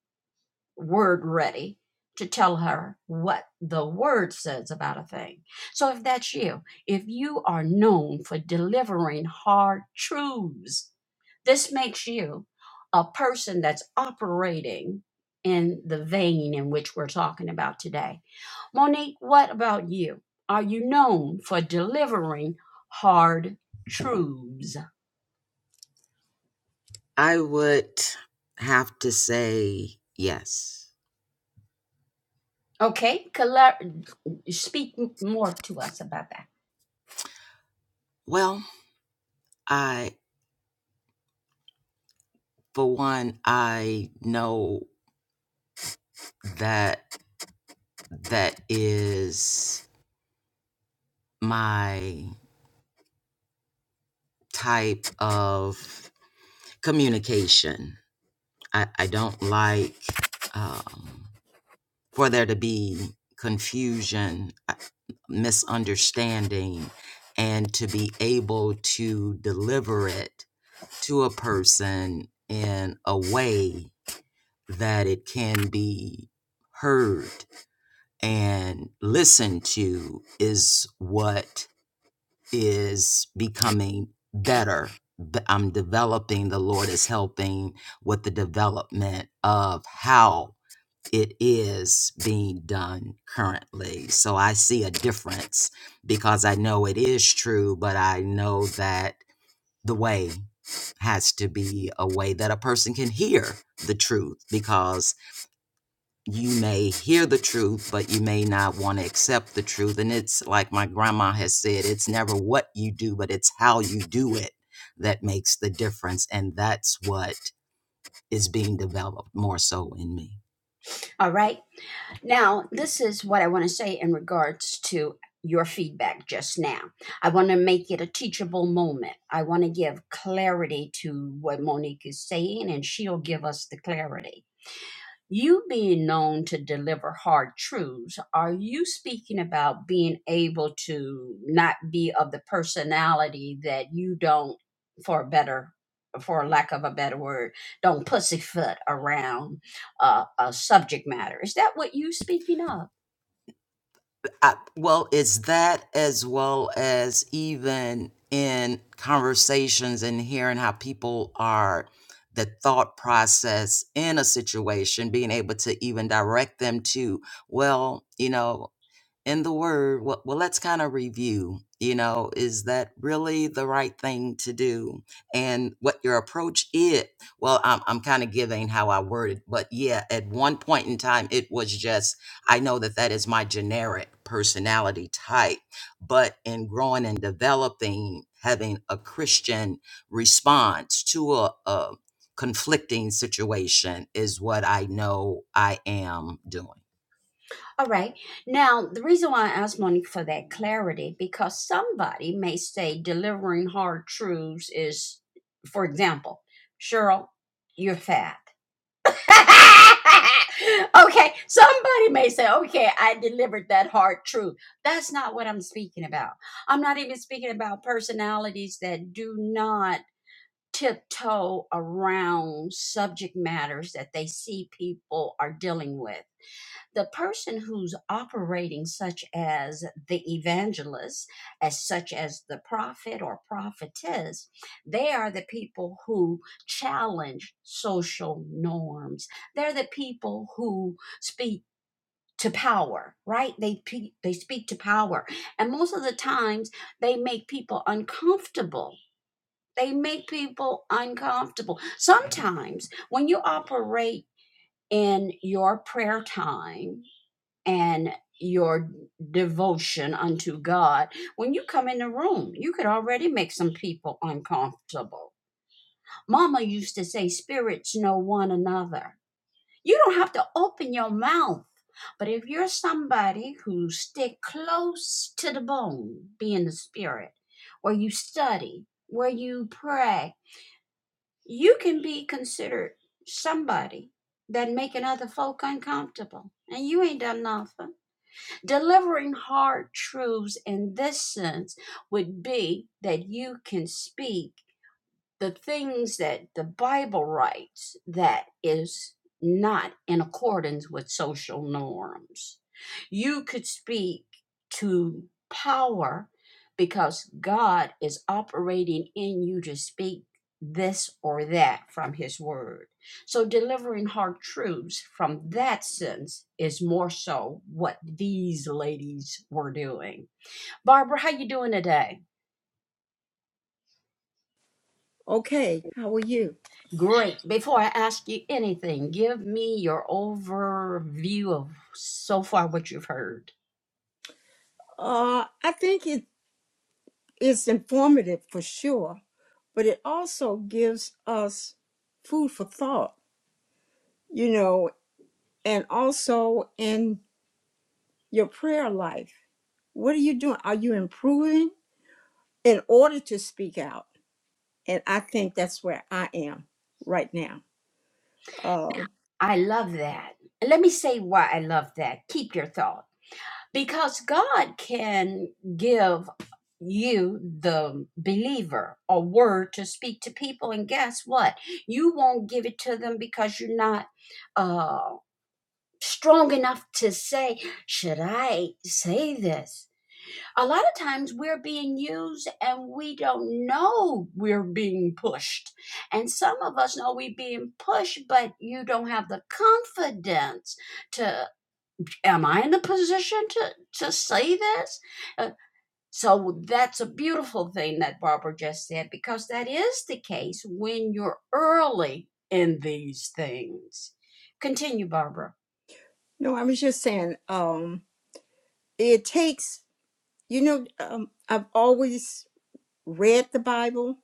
word ready to tell her what the word says about a thing. So if that's you, if you are known for delivering hard truths, this makes you a person that's operating in the vein in which we're talking about today. Monique, what about you? Are you known for delivering hard truths?
I would have to say yes.
Okay, color, speak m- more to us about that.
Well, I, for one, I know that that is my type of communication. I, I don't like um, for there to be confusion. misunderstanding and to be able to deliver it to a person in a way that it can be heard and listened to is what is becoming better. B- I'm developing, the Lord is helping with the development of how it is being done currently. So I see a difference because I know it is true, but I know that the way has to be a way that a person can hear the truth because you may hear the truth, but you may not want to accept the truth. And it's like my grandma has said it's never what you do, but it's how you do it that makes the difference. And that's what is being developed more so in me.
All right. Now, this is what I want to say in regards to your feedback just now. I want to make it a teachable moment. I want to give clarity to what Monique is saying, and she'll give us the clarity. You being known to deliver hard truths, are you speaking about being able to not be of the personality that you don't, for a better, for lack of a better word, don't pussyfoot around uh, a subject matter? Is that what you speaking of?
I, well, it's that as well as even in conversations and hearing how people are, the thought process in a situation, being able to even direct them to, well, you know, in the word well, well let's kind of review you know is that really the right thing to do and what your approach is well i'm, I'm kind of giving how i worded but yeah at one point in time it was just i know that that is my generic personality type but in growing and developing having a christian response to a, a conflicting situation is what i know i am doing
All right. Now, the reason why I asked Monique for that clarity, because somebody may say delivering hard truths is, for example, Cheryl, you're fat okay, somebody may say, okay, I delivered that hard truth. That's not what I'm speaking about. I'm not even speaking about personalities that do not tiptoe around subject matters that they see people are dealing with the person who's operating such as the evangelist as such as the prophet or prophetess they are the people who challenge social norms they're the people who speak to power right they pe- they speak to power and most of the times they make people uncomfortable they make people uncomfortable sometimes when you operate in your prayer time and your devotion unto God. When you come in the room, you could already make some people uncomfortable. Mama used to say, Spirits know one another. You don't have to open your mouth. But if you're somebody who stick close to the bone, be in the spirit, where you study, where you pray, you can be considered somebody that making other folk uncomfortable. And you ain't done nothing. Delivering hard truths in this sense would be that you can speak the things that the Bible writes that is not in accordance with social norms. You could speak to power because God is operating in you to speak this or that from His Word. So, delivering hard truths from that sense is more so what these ladies were doing. Barbara, how you doing today?
Okay, how are you?
Great. Before I ask you anything, give me your overview of so far what you've heard.
Uh, I think it is informative for sure, but it also gives us food for thought, you know, and also in your prayer life. What are you doing? Are you improving in order to speak out? And I think that's where I am right now. Uh,
I love that. And let me say why I love that. Keep your thought. because God can give you, the believer, a word to speak to people. And guess what? You won't give it to them because you're not uh, strong enough to say, Should I say this? A lot of times we're being used and we don't know we're being pushed. And some of us know we're being pushed, but you don't have the confidence to am I in the position to, to say this? Uh, so that's a beautiful thing that Barbara just said because that is the case when you're early in these things. Continue, Barbara.
no, I was just saying, um, it takes, you know, um, I've always read the Bible,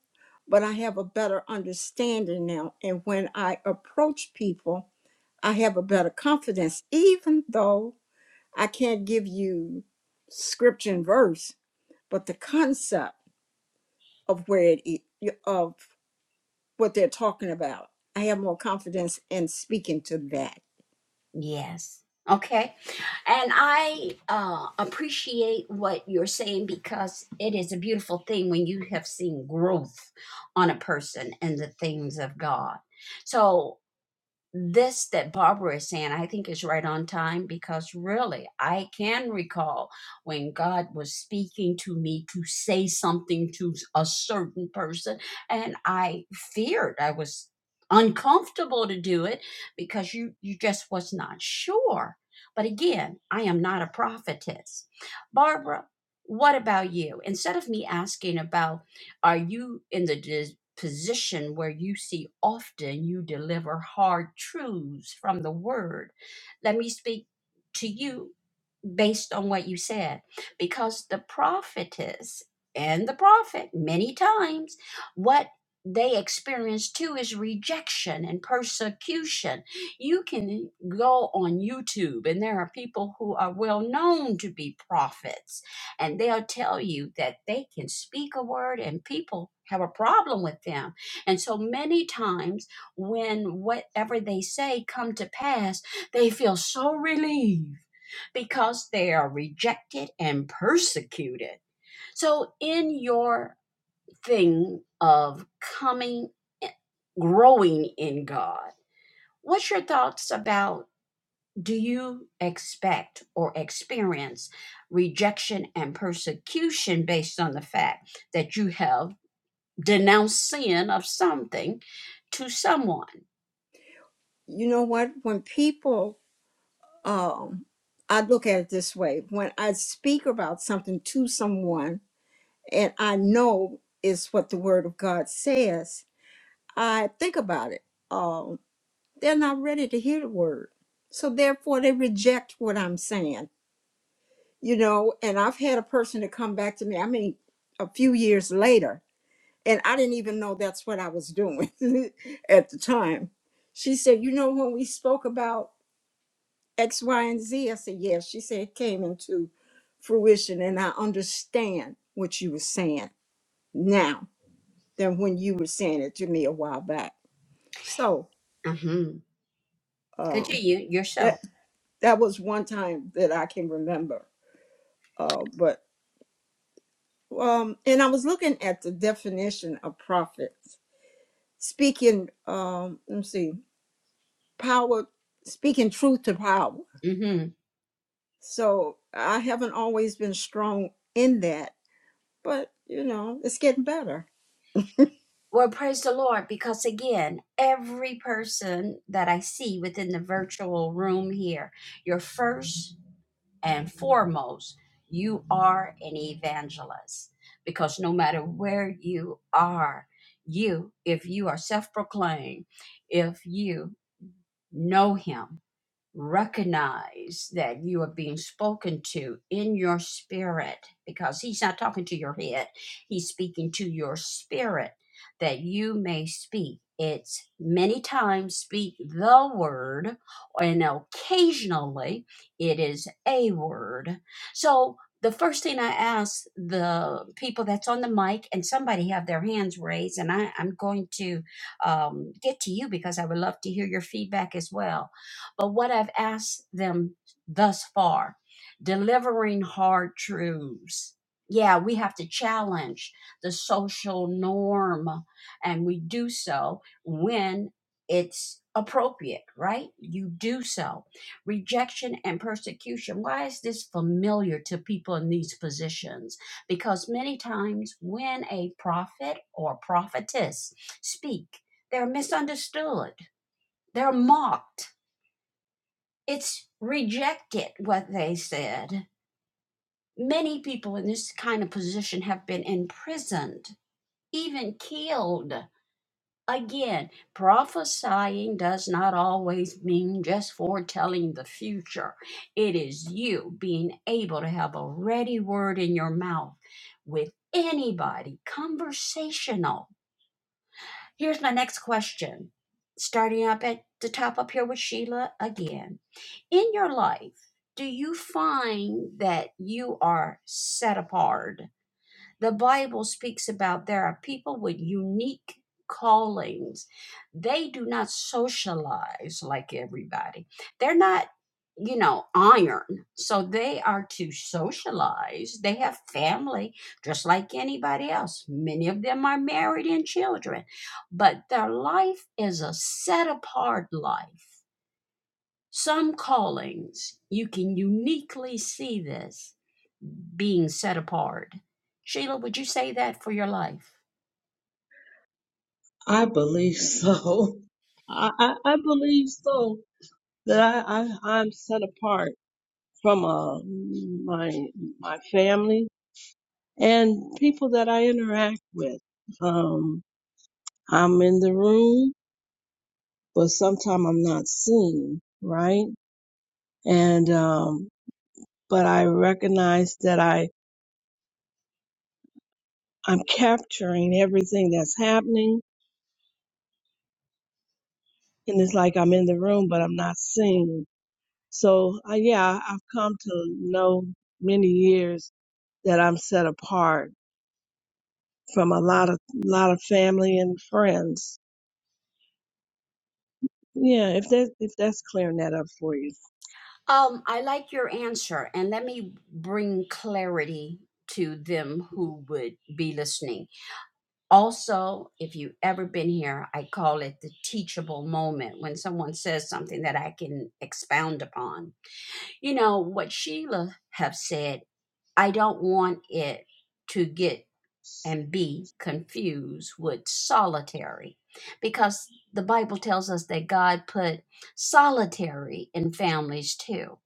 but I have a better understanding now. And when I approach people, I have a better confidence, even though I can't give you scripture and verse, but the concept of where it is, of what they're talking about, I have more confidence in speaking to that.
Yes. Okay. And I uh, appreciate what you're saying because it is a beautiful thing when you have seen growth on a person and the things of God. So this that Barbara is saying, I think is right on time because really, I can recall when God was speaking to me to say something to a certain person, and I feared I was uncomfortable to do it because you you just was not sure. But again, I am not a prophetess. Barbara, what about you? Instead of me asking about are you in the de- position where you see often you deliver hard truths from the word. Let me speak to you based on what you said, because the prophetess and the prophet, many times, what they experience too is rejection and persecution. You can go on YouTube, and there are people who are well known to be prophets and they'll tell you that they can speak a word and people have a problem with them. And so many times when whatever they say come to pass, they feel so relieved because they are rejected and persecuted. So in your thing of coming eh, growing in God, what's your thoughts about do you expect or experience rejection and persecution based on the fact that you have denounced sin of something to someone?
You know what? When people, um, I look at it this way: when I speak about something to someone, and I know is what the Word of God says, I think about it. Um, they're not ready to hear the Word, so therefore they reject what I'm saying. You know, and I've had a person to come back to me. I mean, a few years later, and I didn't even know that's what I was doing at the time. She said, "You know, when we spoke about X, Y, and Z," I said, "Yes." She said it came into fruition, and I understand what you were saying now than when you were saying it to me a while back. So
hmm
um,
Continue
that
yourself.
that was one time that I can remember. Uh, but um, and I was looking at the definition of prophets, speaking. Um, let me see, power, speaking truth to power.
hmm
So I haven't always been strong in that, but you know, it's getting better.
Well, praise the Lord, because again, every person that I see within the virtual room here, your first and foremost, you are an evangelist because no matter where you are, you, if you are self proclaimed, if you know Him, recognize that you are being spoken to in your spirit because he's not talking to your head he's speaking to your spirit that you may speak it's many times speak the word and occasionally it is a word so the first thing i ask the people that's on the mic and somebody have their hands raised and I, i'm going to um, get to you because i would love to hear your feedback as well but what I've asked them thus far, delivering hard truths. Yeah, we have to challenge the social norm, and we do so when it's appropriate, right? You do so. Rejection and persecution. Why is this familiar to people in these positions? Because many times when a prophet or prophetess speak, they're misunderstood, they're mocked it's rejected what they said. Many people in this kind of position have been imprisoned, even killed. Again, prophesying does not always mean just foretelling the future. It is you being able to have a ready word in your mouth with anybody, conversational. Here's my next question, starting up at the top up here with Sheila again in your life, do you find that you are set apart? The Bible speaks about there are people with unique callings. They do not socialize like everybody. They're not, you know, iron. So they are to socialize. They have family just like anybody else. Many of them are married and children, but their life is a set apart life some callings, you can uniquely see this being set apart. Sheila, would you say that for your life?
I believe so. I, I, I believe so that I, I, I'm set apart from uh, my my family and people that I interact with. Um, I'm in the room, but sometimes I'm not seen, right? And um, but I recognize that I I'm capturing everything that's happening, and it's like I'm in the room, but I'm not seen. So uh, yeah, I've come to know many years that I'm set apart from a lot of lot of family and friends Yeah, if that if that's clearing that up for you.
Um, I like your answer, and let me bring clarity to them who would be listening. Also, if you've ever been here, I call it the teachable moment when someone says something that I can expound upon. You know, what Sheila have said, I don't want it to get and be confused with solitary because the Bible tells us that God put solitary in families too,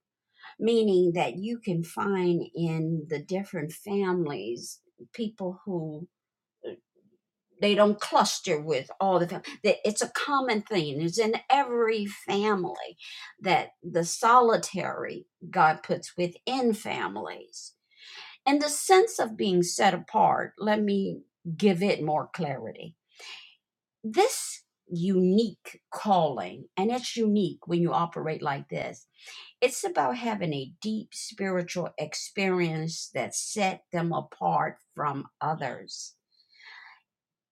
meaning that you can find in the different families people who they don't cluster with all the fam- that it's a common thing it's in every family that the solitary god puts within families in the sense of being set apart let me give it more clarity this unique calling, and it's unique when you operate like this, it's about having a deep spiritual experience that set them apart from others.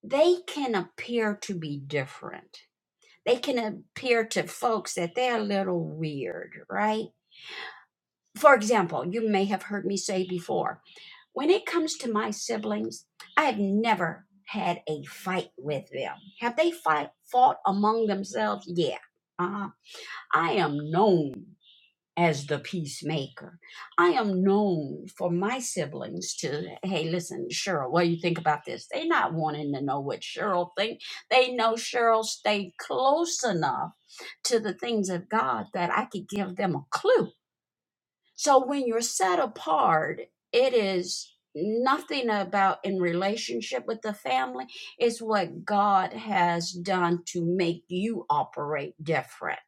They can appear to be different. They can appear to folks that they're a little weird, right? For example, you may have heard me say before, When it comes to my siblings, I have never had a fight with them. Have they fight, fought among themselves? Yeah. Uh, I am known as the peacemaker. I am known for my siblings to, hey, listen, Cheryl, what do you think about this? They're not wanting to know what Cheryl thinks. They know Cheryl stayed close enough to the things of God that I could give them a clue so when you're set apart, it is nothing about in relationship with the family. It's what God has done to make you operate different.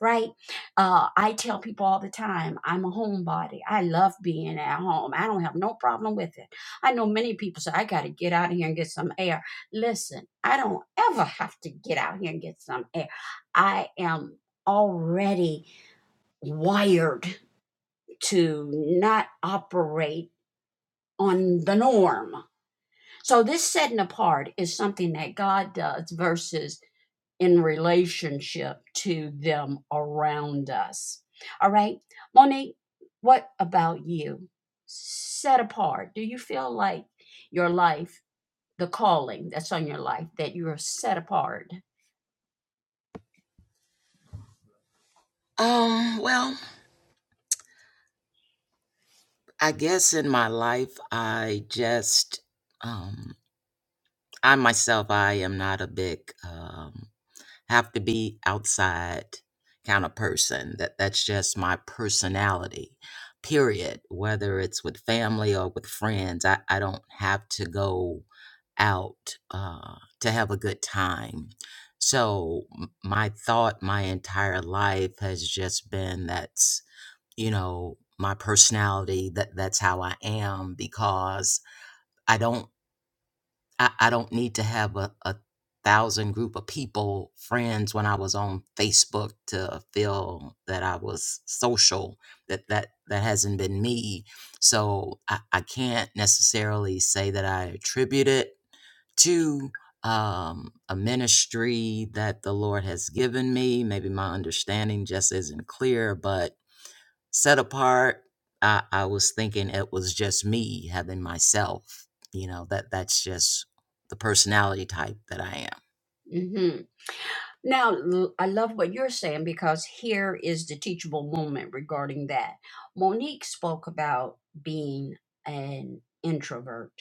Right? Uh, I tell people all the time, I'm a homebody. I love being at home. I don't have no problem with it. I know many people say, I got to get out of here and get some air. Listen, I don't ever have to get out here and get some air. I am already wired to not operate on the norm. So, this setting apart is something that God does versus in relationship to them around us. All right, Monique, what about you? Set apart. Do you feel like your life, the calling that's on your life, that you are set apart?
um well I guess in my life, I just, um, I myself, I am not a big um, have to be outside kind of person. That that's just my personality. Period. Whether it's with family or with friends, I, I don't have to go out uh, to have a good time. So m- my thought, my entire life has just been that's you know my personality that that's how i am because i don't i, I don't need to have a, a thousand group of people friends when i was on facebook to feel that i was social that that that hasn't been me so i, I can't necessarily say that i attribute it to um, a ministry that the lord has given me maybe my understanding just isn't clear but set apart. I, I was thinking it was just me having myself. You know, that that's just the personality type that I am.
Mm-hmm. Now, l- I love what you're saying because here is the teachable moment regarding that. Monique spoke about being an introvert.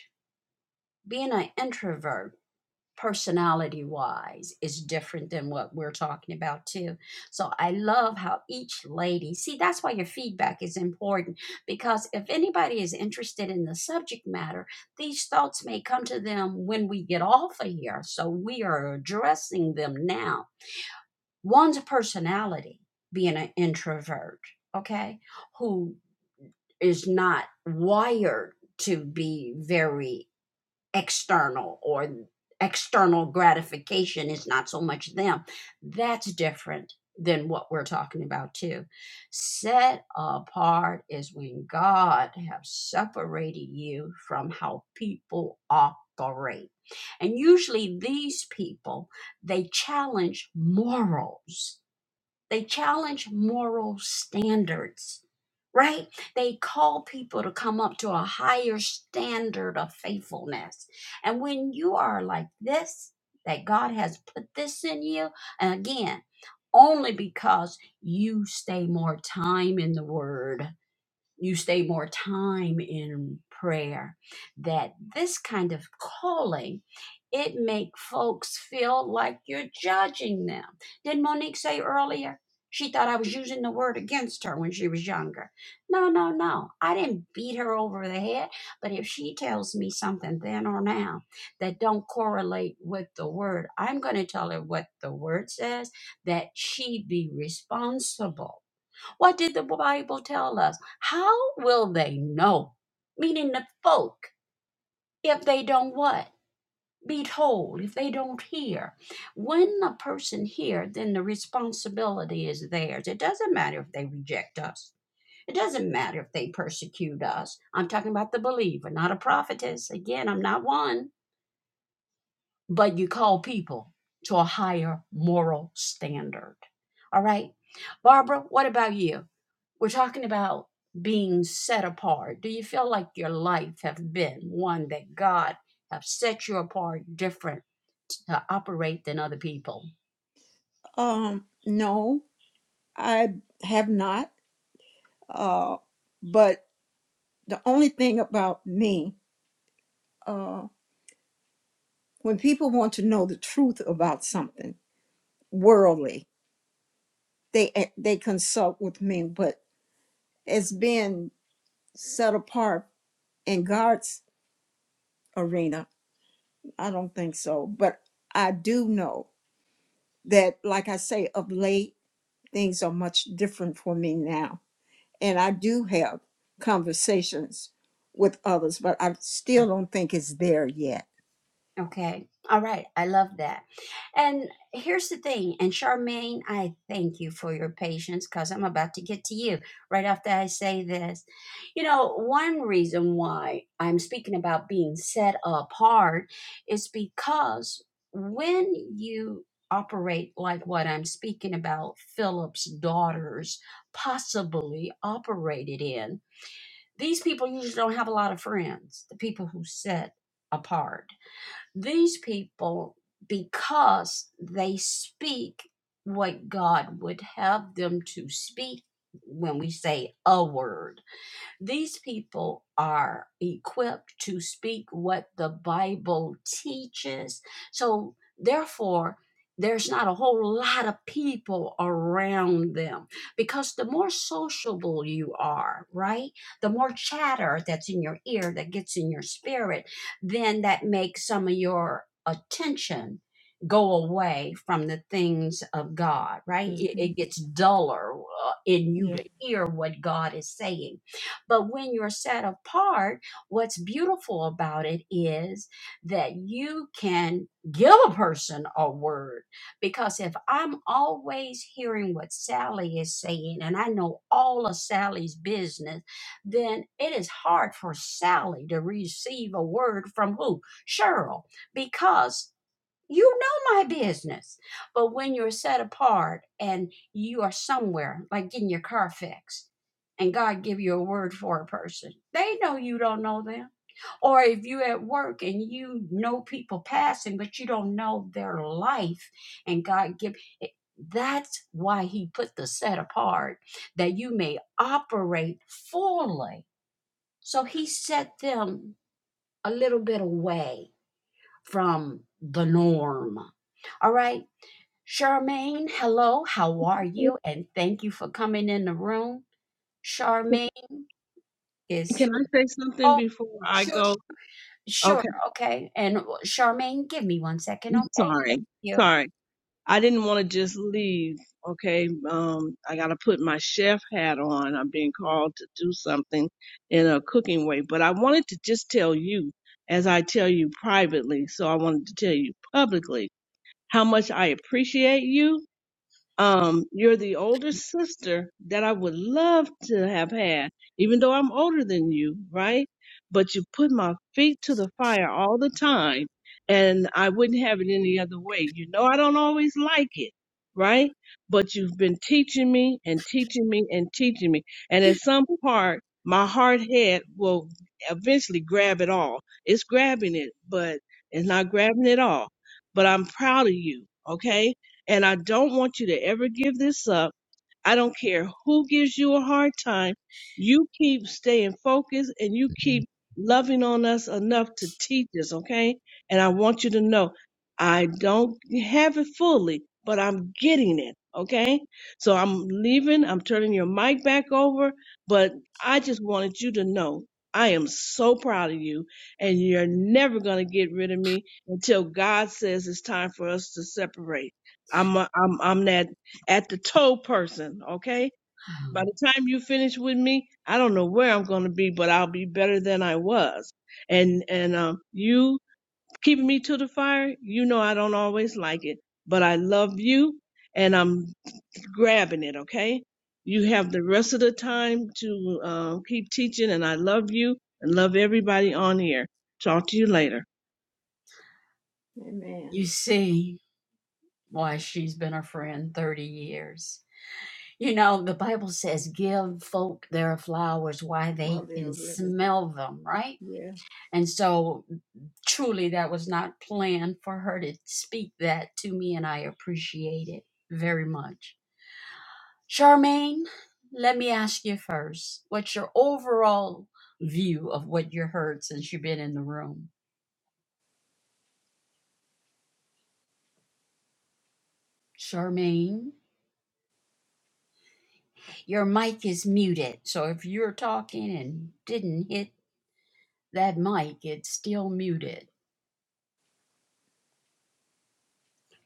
Being an introvert, personality wise, is different than what we're talking about, too. So I love how each lady, see, that's why your feedback is important because if anybody is interested in the subject matter, these thoughts may come to them when we get off of here. So we are addressing them now one's personality being an introvert okay who is not wired to be very external or external gratification is not so much them that's different than what we're talking about too set apart is when god have separated you from how people operate and usually these people they challenge morals they challenge moral standards, right? They call people to come up to a higher standard of faithfulness. And when you are like this, that God has put this in you, and again, only because you stay more time in the Word you stay more time in prayer that this kind of calling it make folks feel like you're judging them didn't monique say earlier she thought i was using the word against her when she was younger no no no i didn't beat her over the head but if she tells me something then or now that don't correlate with the word i'm going to tell her what the word says that she be responsible what did the Bible tell us? How will they know? Meaning the folk, if they don't what? Be told, if they don't hear. When a person hears, then the responsibility is theirs. It doesn't matter if they reject us. It doesn't matter if they persecute us. I'm talking about the believer, not a prophetess. Again, I'm not one. But you call people to a higher moral standard. All right? Barbara, what about you? We're talking about being set apart. Do you feel like your life have been one that God have set you apart different to operate than other people?
Um, no, I have not. Uh, but the only thing about me. uh, when people want to know the truth about something worldly they eh, they consult with me but as being set apart in god's arena i don't think so but i do know that like i say of late things are much different for me now and i do have conversations with others but i still don't think it's there yet
Okay. All right. I love that. And here's the thing. And Charmaine, I thank you for your patience because I'm about to get to you right after I say this. You know, one reason why I'm speaking about being set apart is because when you operate like what I'm speaking about, Philip's daughters possibly operated in, these people usually don't have a lot of friends, the people who set apart these people, because they speak what God would have them to speak when we say a word, these people are equipped to speak what the Bible teaches. So, therefore, there's not a whole lot of people around them because the more sociable you are, right? The more chatter that's in your ear that gets in your spirit, then that makes some of your attention go away from the things of God, right? It,
hmm
it gets duller uh, in you
yeah
to hear what God is saying but when you're set apart, what's beautiful about it is that you can give a person a word. Because if I'm always hearing what Sally is saying and I know all of Sally's business, then it is hard for Sally to receive a word from who? Cheryl. Because you know my business. But when you're set apart and you are somewhere, like getting your car fixed, and God give you a word for a person, they know you don't know them. Or if you're at work and you know people passing, but you don't know their life, and God give it, that's why he put the set apart that you may operate fully. So he set them a little bit away from the norm. All right. Charmaine, hello, how are you? And thank you for coming in the room. Charmaine is
Can I say something
oh
before I
sure,
go?
sure,
Okay,
okay. And Charmaine, give me one second,
I'm
okay?
sorry,
Thank you.
sorry. I didn't want to just leave. Okay, um, I gotta put my chef hat on. I'm being called to do something in a cooking way, but I wanted to just tell you, as I tell you privately, so I wanted to tell you publicly how much I appreciate you Um, you're the older sister that I would love to have had, even though I'm older than you, right? But you put my feet to the fire all the time, and I wouldn't have it any other way. You know, I don't always like it, right? But you've been teaching me and teaching me and teaching me. And at some part, my hard head will eventually grab it all. It's grabbing it, but it's not grabbing it all. But I'm proud of you, okay? And I don't want you to ever give this up. I don't care who gives you a hard time. You keep staying focused and you keep loving on us enough to teach us, okay? And I want you to know I don't have it fully, but I'm getting it, okay? So I'm leaving. I'm turning your mic back over, but I just wanted you to know I am so proud of you and you're never going to get rid of me until God says it's time for us to separate. I'm a, I'm I'm that at the toe person, okay? By
Um,
the time you finish with me, I don't know where I'm going to be, but I'll be better than I was. And and um you keeping me to the fire, you know I don't always like it, but I love you and I'm grabbing it, okay? You have the rest of the time to uh, keep teaching and I love you and love everybody on here. Talk to you later.
amen
You see why she's been a friend 30 years. You know, the Bible says, give folk their flowers while
while
they
they're
can
living
smell them, right?
yeah
And so truly that was not planned for her to speak that to me, and I appreciate it very much. Charmaine, let me ask you first what's your overall view of what you heard since you've been in the room? Charmaine, your mic is muted. So if you're talking and didn't hit that mic, it's still muted.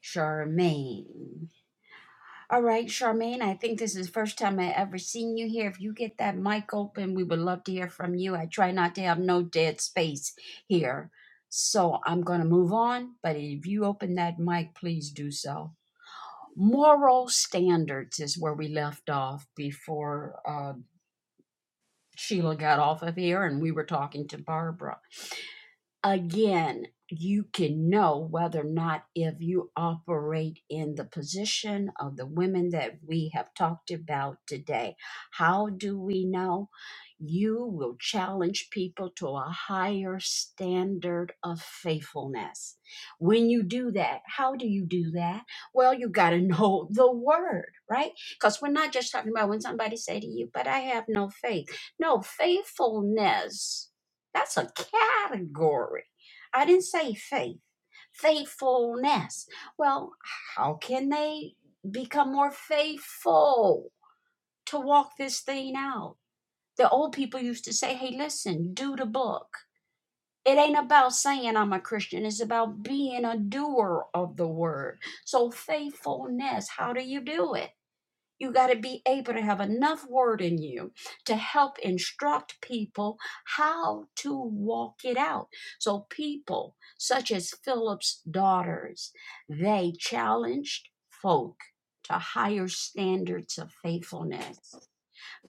Charmaine. All right, Charmaine, I think this is the first time I ever seen you here. If you get that mic open, we would love to hear from you. I try not to have no dead space here. So I'm going to move on, but if you open that mic, please do so. Moral standards is where we left off before uh, Sheila got off of here and we were talking to Barbara again, you can know whether or not if you operate in the position of the women that we have talked about today. How do we know? You will challenge people to a higher standard of faithfulness. When you do that, how do you do that? Well, you got to know the word, right? Because we're not just talking about when somebody say to you, but I have no faith. No, faithfulness that's a category. I didn't say faith. Faithfulness. Well, how can they become more faithful to walk this thing out? The old people used to say, hey, listen, do the book. It ain't about saying I'm a Christian, it's about being a doer of the word. So, faithfulness, how do you do it? You got to be able to have enough word in you to help instruct people how to walk it out. So, people such as Philip's daughters, they challenged folk to higher standards of faithfulness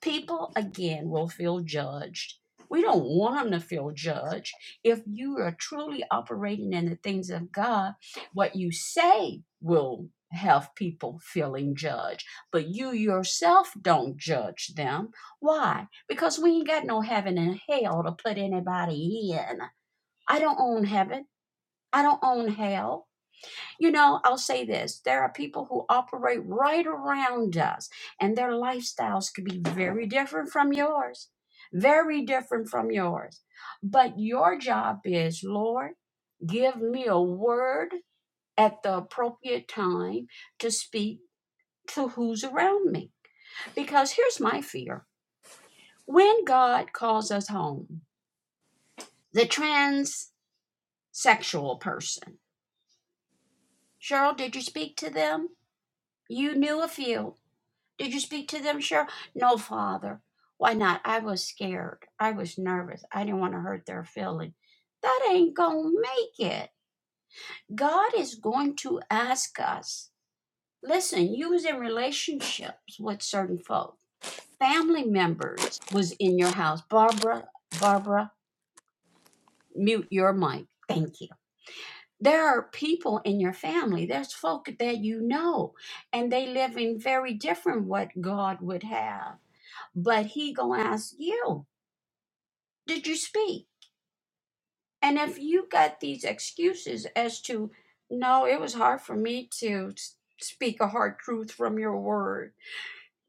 people again will feel judged. We don't want them to feel judged. If you are truly operating in the things of God, what you say will have people feeling judged, but you yourself don't judge them. Why? Because we ain't got no heaven and hell to put anybody in. I don't own heaven. I don't own hell. You know, I'll say this there are people who operate right around us, and their lifestyles could be very different from yours, very different from yours. But your job is, Lord, give me a word at the appropriate time to speak to who's around me. Because here's my fear when God calls us home, the transsexual person, Cheryl, did you speak to them? You knew a few Did you speak to them, Cheryl? No, Father. Why not? I was scared. I was nervous. I didn't want to hurt their feeling. That ain't gonna make it. God is going to ask us. Listen, you was in relationships with certain folk. Family members was in your house. Barbara, Barbara, mute your mic. Thank you. There are people in your family. There's folk that you know, and they live in very different what God would have but he gonna ask you did you speak and if you got these excuses as to no it was hard for me to s- speak a hard truth from your word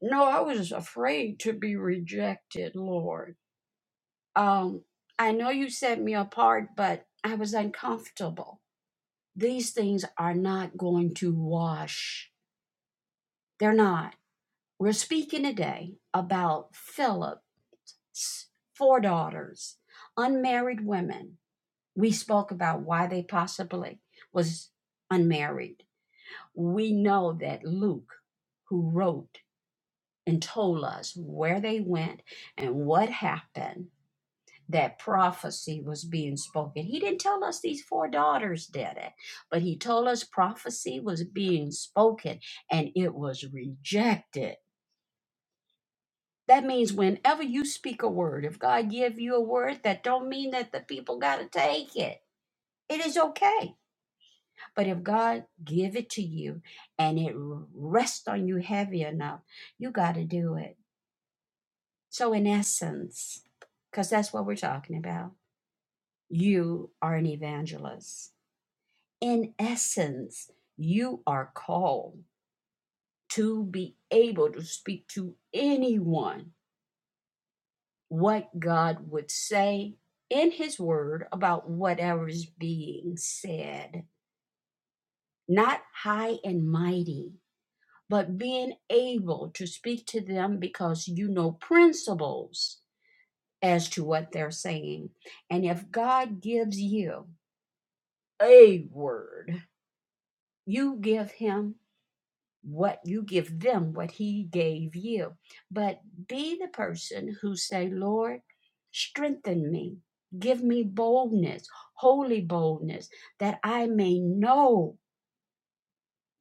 no i was afraid to be rejected lord um i know you set me apart but i was uncomfortable these things are not going to wash they're not we're speaking today about philip's four daughters unmarried women We spoke about why they possibly was unmarried. We know that Luke, who wrote and told us where they went and what happened, that prophecy was being spoken. He didn't tell us these four daughters did it, but he told us prophecy was being spoken and it was rejected. That means whenever you speak a word, if God give you a word, that don't mean that the people got to take it. It is okay But if God give it to you and it rests on you heavy enough, you got to do it. So in essence, because that's what we're talking about, you are an evangelist. In essence, you are called to be able to speak to anyone what God would say in his word about whatever is being said, not high and mighty but being able to speak to them because you know principles as to what they're saying. And if God gives you a word, you give him what you give them what he gave you. But be the person who say, Lord, strengthen me. Give me boldness, holy boldness, that I may know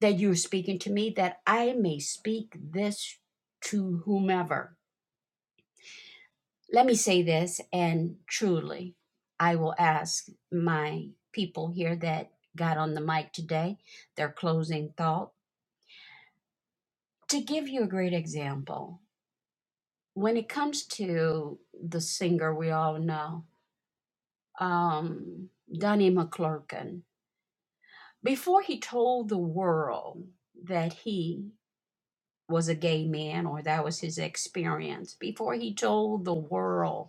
that you're speaking to me, that I may speak this to whomever Let me say this, and truly, I will ask my people here that got on the mic today their closing thought. To give you a great example, when it comes to the singer we all know, um, Donnie McClurkin, before he told the world that he was a gay man or that was his experience, before he told the world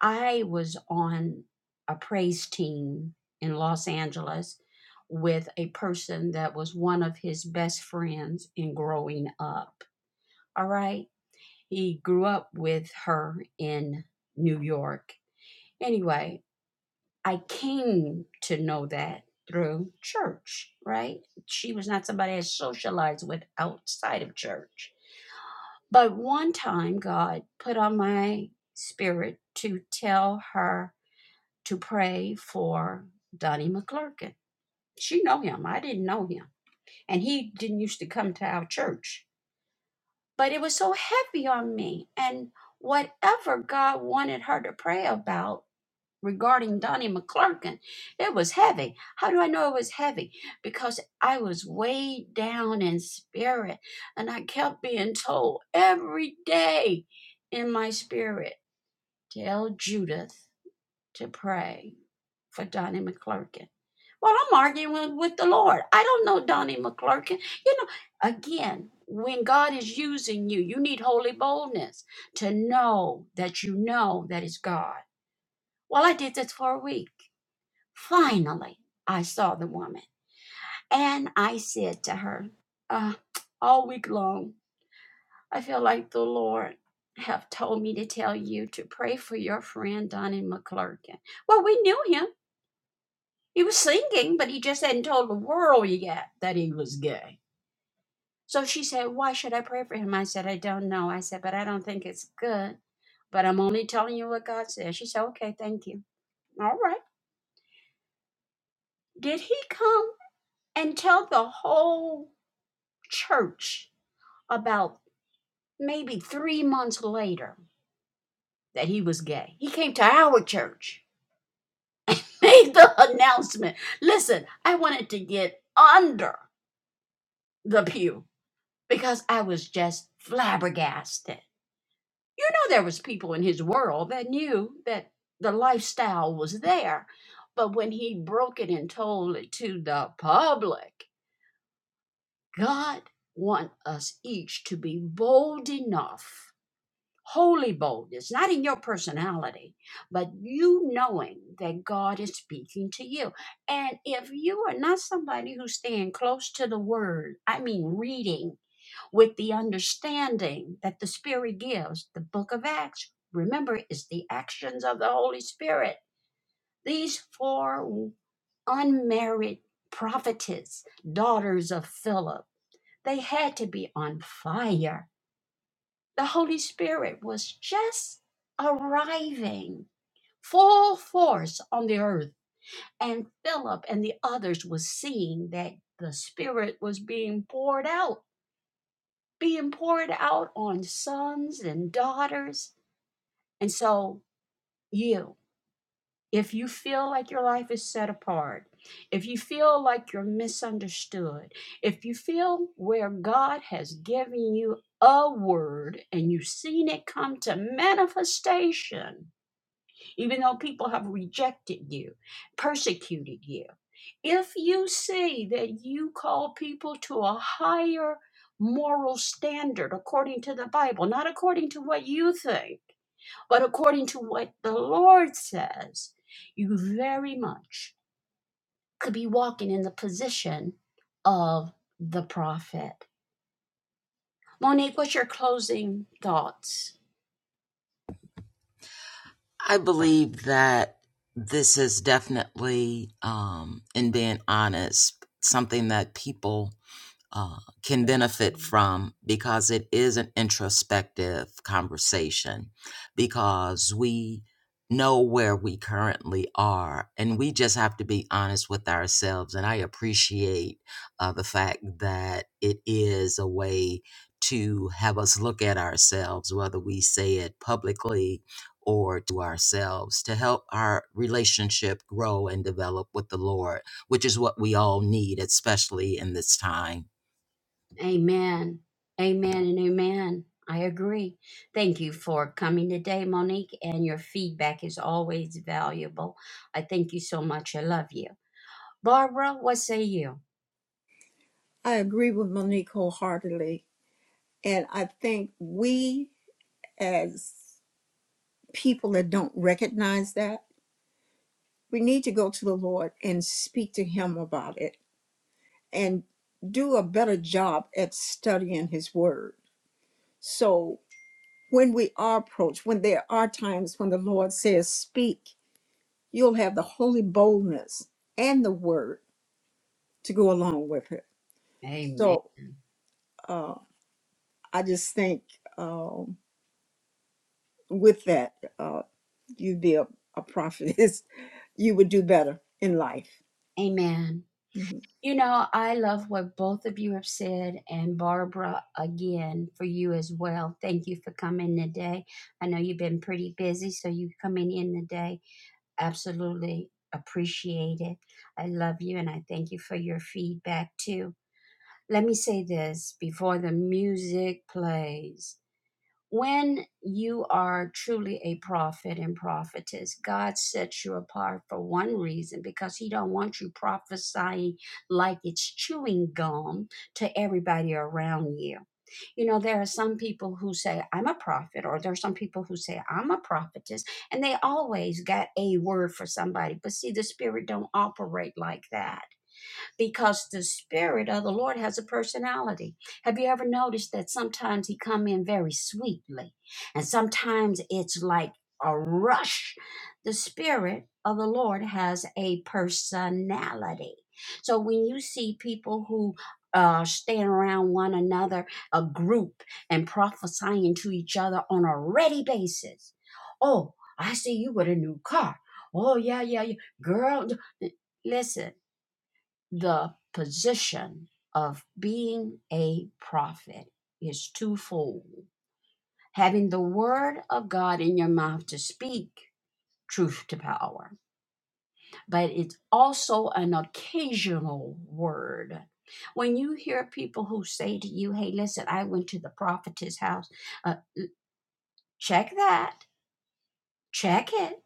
I was on a praise team in Los Angeles with a person that was one of his best friends in growing up. All right. He grew up with her in New York. Anyway, I came to know that through church, right? She was not somebody I socialized with outside of church. But one time, God put on my spirit to tell her to pray for Donnie McClurkin. She know him. I didn't know him. And he didn't used to come to our church. But it was so heavy on me. And whatever God wanted her to pray about regarding Donnie McClurkin, it was heavy. How do I know it was heavy? Because I was way down in spirit. And I kept being told every day in my spirit, tell Judith to pray for Donnie McClurkin. Well, I'm arguing with the Lord. I don't know Donnie McClurkin. You know, again, when God is using you, you need holy boldness to know that you know that it's God. Well, I did this for a week. Finally, I saw the woman and I said to her, uh, all week long, I feel like the Lord have told me to tell you to pray for your friend Donnie McClurkin. Well, we knew him. He was singing, but he just hadn't told the world yet that he was gay. So she said, Why should I pray for him? I said, I don't know. I said, But I don't think it's good. But I'm only telling you what God says. She said, Okay, thank you. All right. Did he come and tell the whole church about maybe three months later that he was gay? He came to our church, made the announcement. Listen, I wanted to get under the pew because I was just flabbergasted. You know there was people in his world that knew that the lifestyle was there. But when he broke it and told it to the public, God want us each to be bold enough, holy boldness, not in your personality, but you knowing that God is speaking to you. And if you are not somebody who's staying close to the word, I mean reading with the understanding that the Spirit gives. The book of Acts, remember, is the actions of the Holy Spirit. These four unmarried prophetess, daughters of Philip, they had to be on fire. The Holy Spirit was just arriving full force on the earth. And Philip and the others was seeing that the Spirit was being poured out being poured out on sons and daughters. And so, you, if you feel like your life is set apart, if you feel like you're misunderstood, if you feel where God has given you a word and you've seen it come to manifestation, even though people have rejected you, persecuted you. If you say that you call people to a higher moral standard according to the Bible, not according to what you think, but according to what the Lord says, you very much could be walking in the position of the prophet. Monique, what's your closing thoughts?
I believe that this is definitely, um, in being honest, something that people uh, can benefit from because it is an introspective conversation because we know where we currently are and we just have to be honest with ourselves and i appreciate uh, the fact that it is a way to have us look at ourselves whether we say it publicly or to ourselves to help our relationship grow and develop with the lord which is what we all need especially in this time
Amen. Amen and amen. I agree. Thank you for coming today, Monique, and your feedback is always valuable. I thank you so much. I love you. Barbara, what say you?
i agree with monique wholeheartedly And I think we, as people that don't recognize that, we need to go to the Lord and speak to Him about it and do a better job at studying His Word. So when we are approached, when there are times when the Lord says, Speak, you'll have the holy boldness and the Word to go along with it.
Amen.
So uh, I just think um, with that, uh, you'd be a, a prophet you would do better in life.
Amen.
Mhm.
You know, I love what both of you have said, and Barbara, again, for you as well. Thank you for coming today. I know you've been pretty busy, so you coming in today Absolutely appreciate it. I love you and I thank you for your feedback too. Let me say this before the music plays. When you are truly a prophet and prophetess, God sets you apart for one reason because He don't want you prophesying like it's chewing gum to everybody around you. You know, there are some people who say, I'm a prophet, or there are some people who say, I'm a prophetess, and they always got a word for somebody. But see, the spirit don't operate like that because the spirit of the Lord has a personality. Have you ever noticed that sometimes he come in very sweetly and sometimes it's like a rush. The spirit of the Lord has a personality. So when you see people who uh, stand around one another, a group, and prophesying to each other on a ready basis. Oh, I see you with a new car. Oh, yeah, yeah, yeah. Girl, d- listen the position of being a prophet is twofold having the word of God in your mouth to speak truth to power, but it's also an occasional word. When you hear people who say to you, Hey, listen, I went to the prophetess house, uh, check that, check it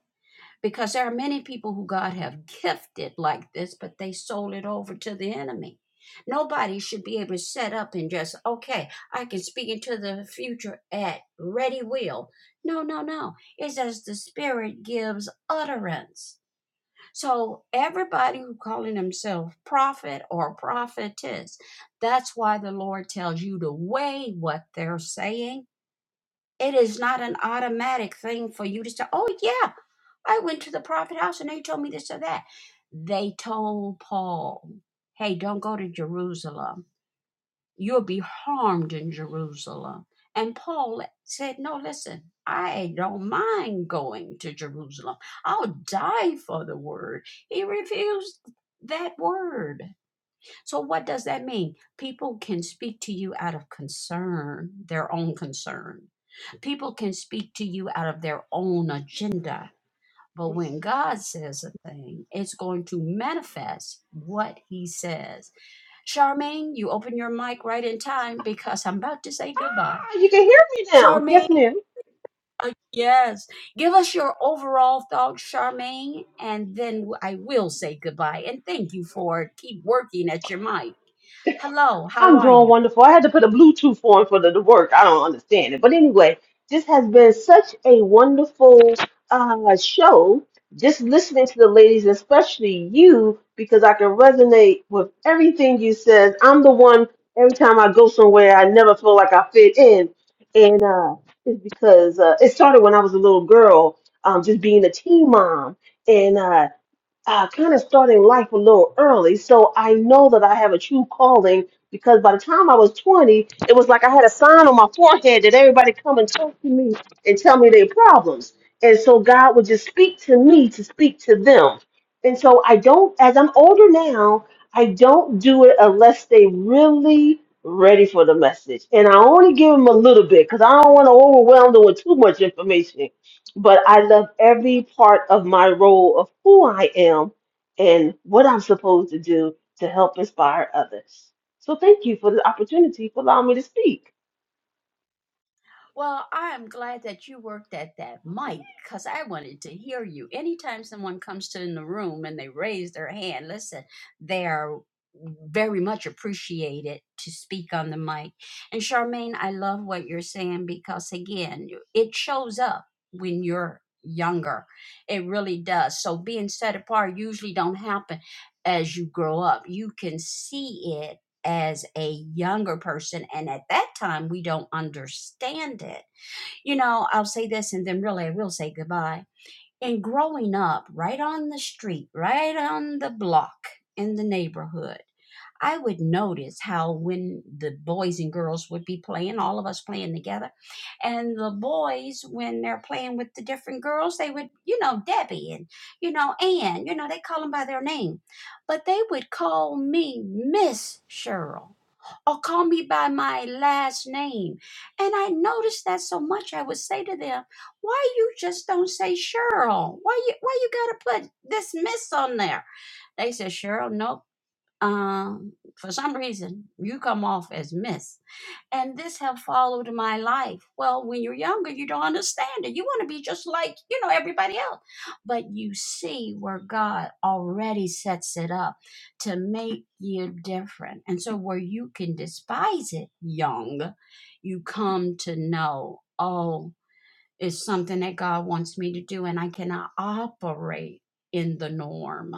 because there are many people who God have gifted like this, but they sold it over to the enemy. Nobody should be able to set up and just, okay, I can speak into the future at ready will. No, no, no. It's as the Spirit gives utterance. So everybody who calling himself prophet or prophetess, that's why the Lord tells you to weigh what they're saying it is not an automatic thing for you to say, oh, yeah, I went to the prophet house and they told me this or that. They told Paul, hey, don't go to Jerusalem. You'll be harmed in Jerusalem. And Paul said, no, listen, I don't mind going to Jerusalem. I'll die for the word. He refused that word. So, what does that mean? People can speak to you out of concern, their own concern. People can speak to you out of their own agenda. But when God says a thing, it's going to manifest what He says. Charmaine, you open your mic right in time because I'm about to say goodbye.
Oh, you can hear me now.
Charmaine.
Yes, ma'am.
Uh, yes. Give us your overall thoughts, Charmaine, and then w- I will say goodbye. And thank you for keep working at your mic. Hello, how
I'm
are
doing
you?
wonderful. I had to put a Bluetooth on for the, the work. I don't understand it. But anyway, this has been such a wonderful uh, show. Just listening to the ladies, especially you, because I can resonate with everything you said. I'm the one, every time I go somewhere, I never feel like I fit in. And uh, it's because uh, it started when I was a little girl, um, just being a teen mom. And uh, uh, kind of starting life a little early. So I know that I have a true calling because by the time I was 20, it was like I had a sign on my forehead that everybody come and talk to me and tell me their problems. And so God would just speak to me to speak to them. And so I don't, as I'm older now, I don't do it unless they really ready for the message. And I only give them a little bit because I don't want to overwhelm them with too much information but I love every part of my role of who I am and what I'm supposed to do to help inspire others. So thank you for the opportunity for allowing me to speak.
Well, I'm glad that you worked at that mic because I wanted to hear you. Anytime someone comes to in the room and they raise their hand, listen, they are very much appreciated to speak on the mic. And Charmaine, I love what you're saying because again, it shows up when you're younger. It really does. So being set apart usually don't happen as you grow up. You can see it as a younger person. And at that time, we don't understand it. You know, I'll say this and then really I will say goodbye. And growing up right on the street, right on the block in the neighborhood, I would notice how when the boys and girls would be playing, all of us playing together, and the boys, when they're playing with the different girls, they would, you know, Debbie and, you know, Ann, you know, they call them by their name. But they would call me Miss Cheryl or call me by my last name. And I noticed that so much I would say to them, why you just don't say Cheryl? Why you why you gotta put this miss on there? They said, Cheryl, nope. Um, for some reason you come off as miss and this have followed my life well when you're younger you don't understand it you want to be just like you know everybody else but you see where god already sets it up to make you different and so where you can despise it young you come to know oh it's something that god wants me to do and i cannot operate in the norm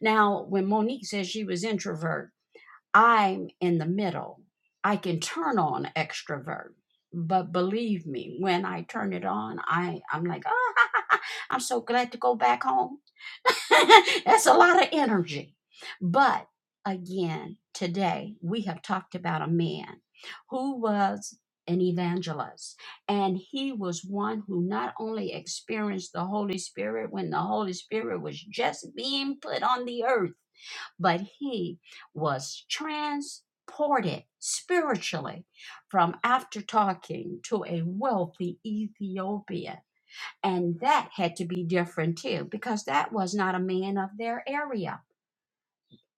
now when monique says she was introvert I'm in the middle. I can turn on extrovert, but believe me, when I turn it on, I I'm like, oh, I'm so glad to go back home. That's a lot of energy. But again, today we have talked about a man who was an evangelist, and he was one who not only experienced the Holy Spirit when the Holy Spirit was just being put on the earth but he was transported spiritually from after talking to a wealthy Ethiopian. And that had to be different too, because that was not a man of their area.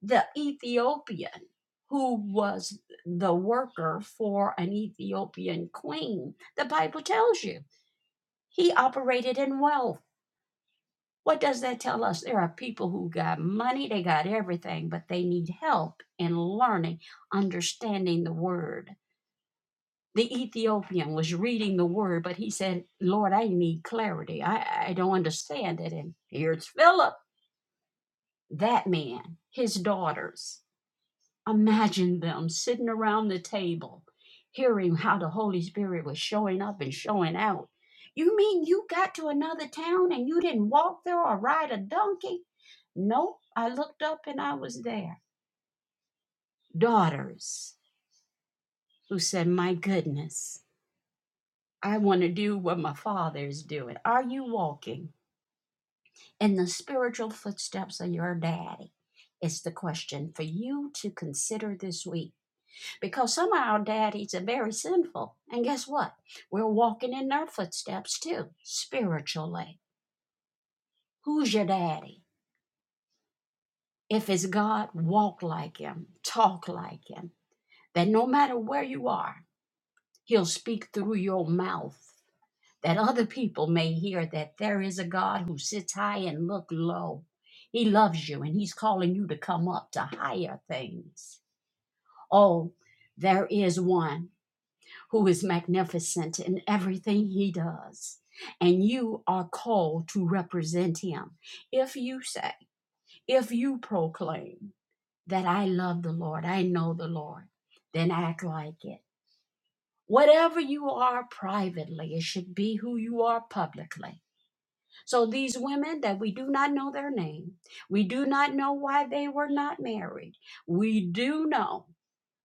The Ethiopian who was the worker for an Ethiopian queen, the Bible tells you, he operated in wealth. What does that tell us? There are people who got money, they got everything, but they need help in learning, understanding the word. The Ethiopian was reading the word, but he said, Lord, I need clarity. I, I don't understand it. And here's Philip, that man, his daughters. Imagine them sitting around the table, hearing how the Holy Spirit was showing up and showing out. You mean you got to another town and you didn't walk there or ride a donkey? Nope, I looked up and I was there. Daughters who said, My goodness, I want to do what my father is doing. Are you walking in the spiritual footsteps of your daddy? It's the question for you to consider this week. because some of our daddies are very sinful. And guess what? We're walking in their footsteps too, spiritually. Who's your daddy? If it's God, walk like him, talk like him. That no matter where you are, he'll speak through your mouth. That other people may hear that there is a God who sits high and look low. He loves you and he's calling you to come up to higher things. Oh, there is one who is magnificent in everything he does. And you are called to represent him. If you say, if you proclaim that I love the Lord, I know the Lord, then act like it. Whatever you are privately, it should be who you are publicly. So these women that we do not know their name, we do not know why they were not married, we do know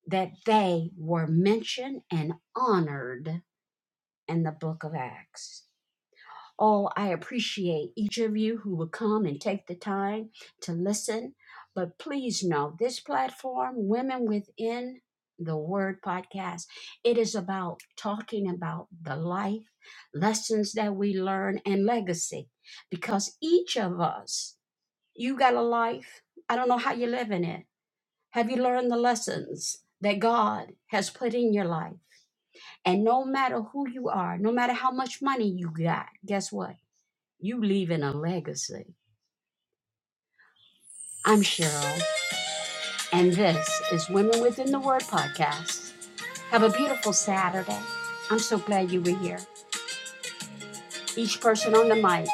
that they were mentioned and honored and the book of Acts. Oh, I appreciate each of you who will come and take the time to listen. But please know this platform, Women Within the Word podcast, it is about talking about the life, lessons that we learn, and legacy. Because each of us, you got a life. I don't know how you live in it. Have you learned the lessons that God has put in your life? And no matter who you are, no matter how much money you got, guess what? You leaving a legacy. I'm Cheryl, and this is Women Within the Word podcast. Have a beautiful Saturday. I'm so glad you were here. Each person on the mic,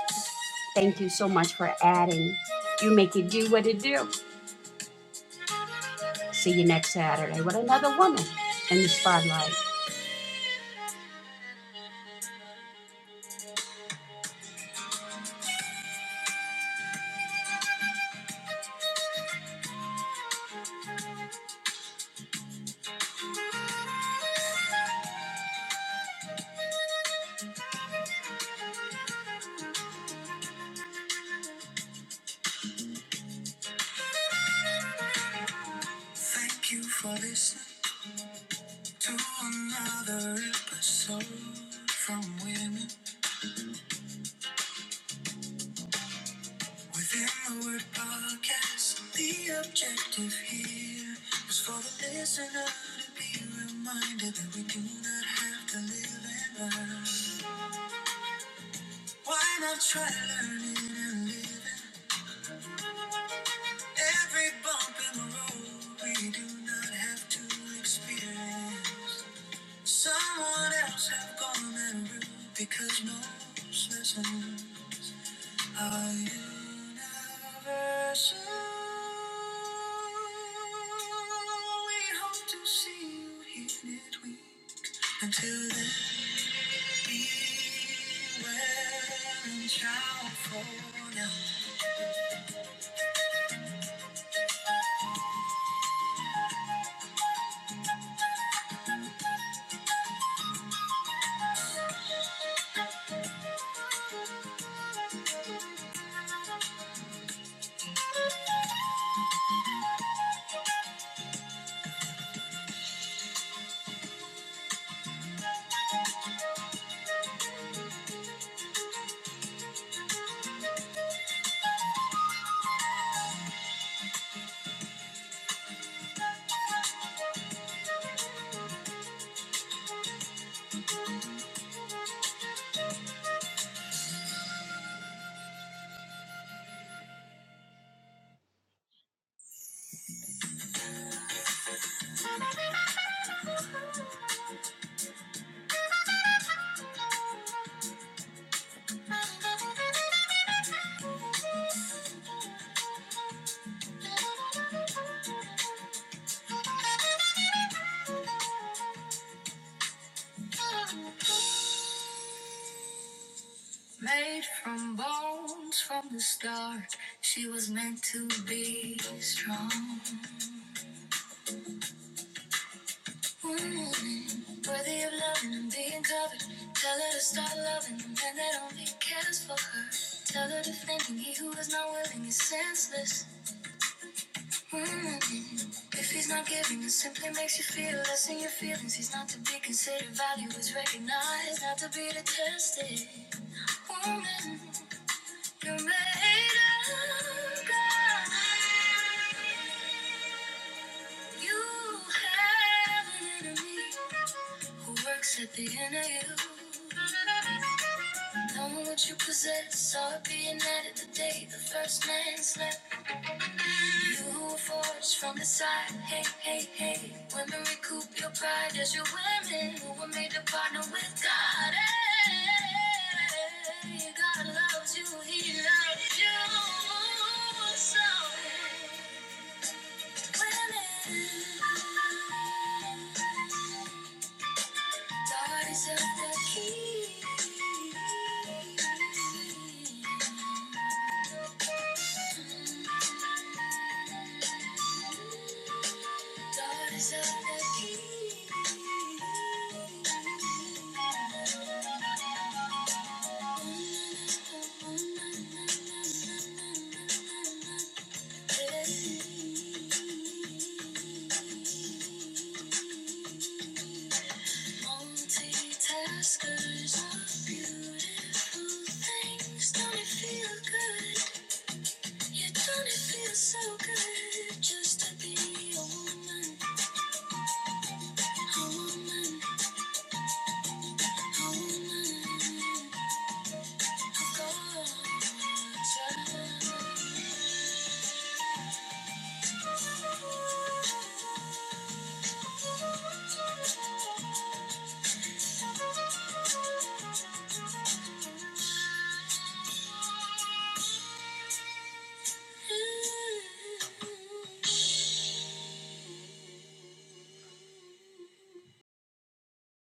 thank you so much for adding. You make it do what it do. See you next Saturday with another woman in the spotlight. Thank you for listening to another episode from Women. Within With word Podcast, the objective here is for the listener to be reminded that we do not have to live and learn. Why not try learning and living? Every bump in the road, we do not have to experience. Someone else have gone that route because most lessons. Our universe, oh, we hope to see you here midweek. Until then, be well and child for now. Made from bones from the start, she was meant to be strong. Mm, Worthy of loving and being covered. Tell her to start loving the man that only cares for her. Tell her to thinking he who is not willing is senseless. Mm, If he's not giving, it simply makes you feel less in your feelings. He's not to be considered. Value is recognized, not to be detested. Woman, you're made of God. You have an enemy. Who works at the inner you? Knowing what you possess, saw it being added the day the first man slept. You who were forged from the side, hey, hey, hey. Women recoup your pride as your women who were made to partner with God. Hey, God loves you, He loves you. So, women, God is at the key. Daughters of the king. Multitaskers are beautiful things. Don't it feel good? Yeah, don't it feel so good just to be a woman? A woman, a woman. Of God's child.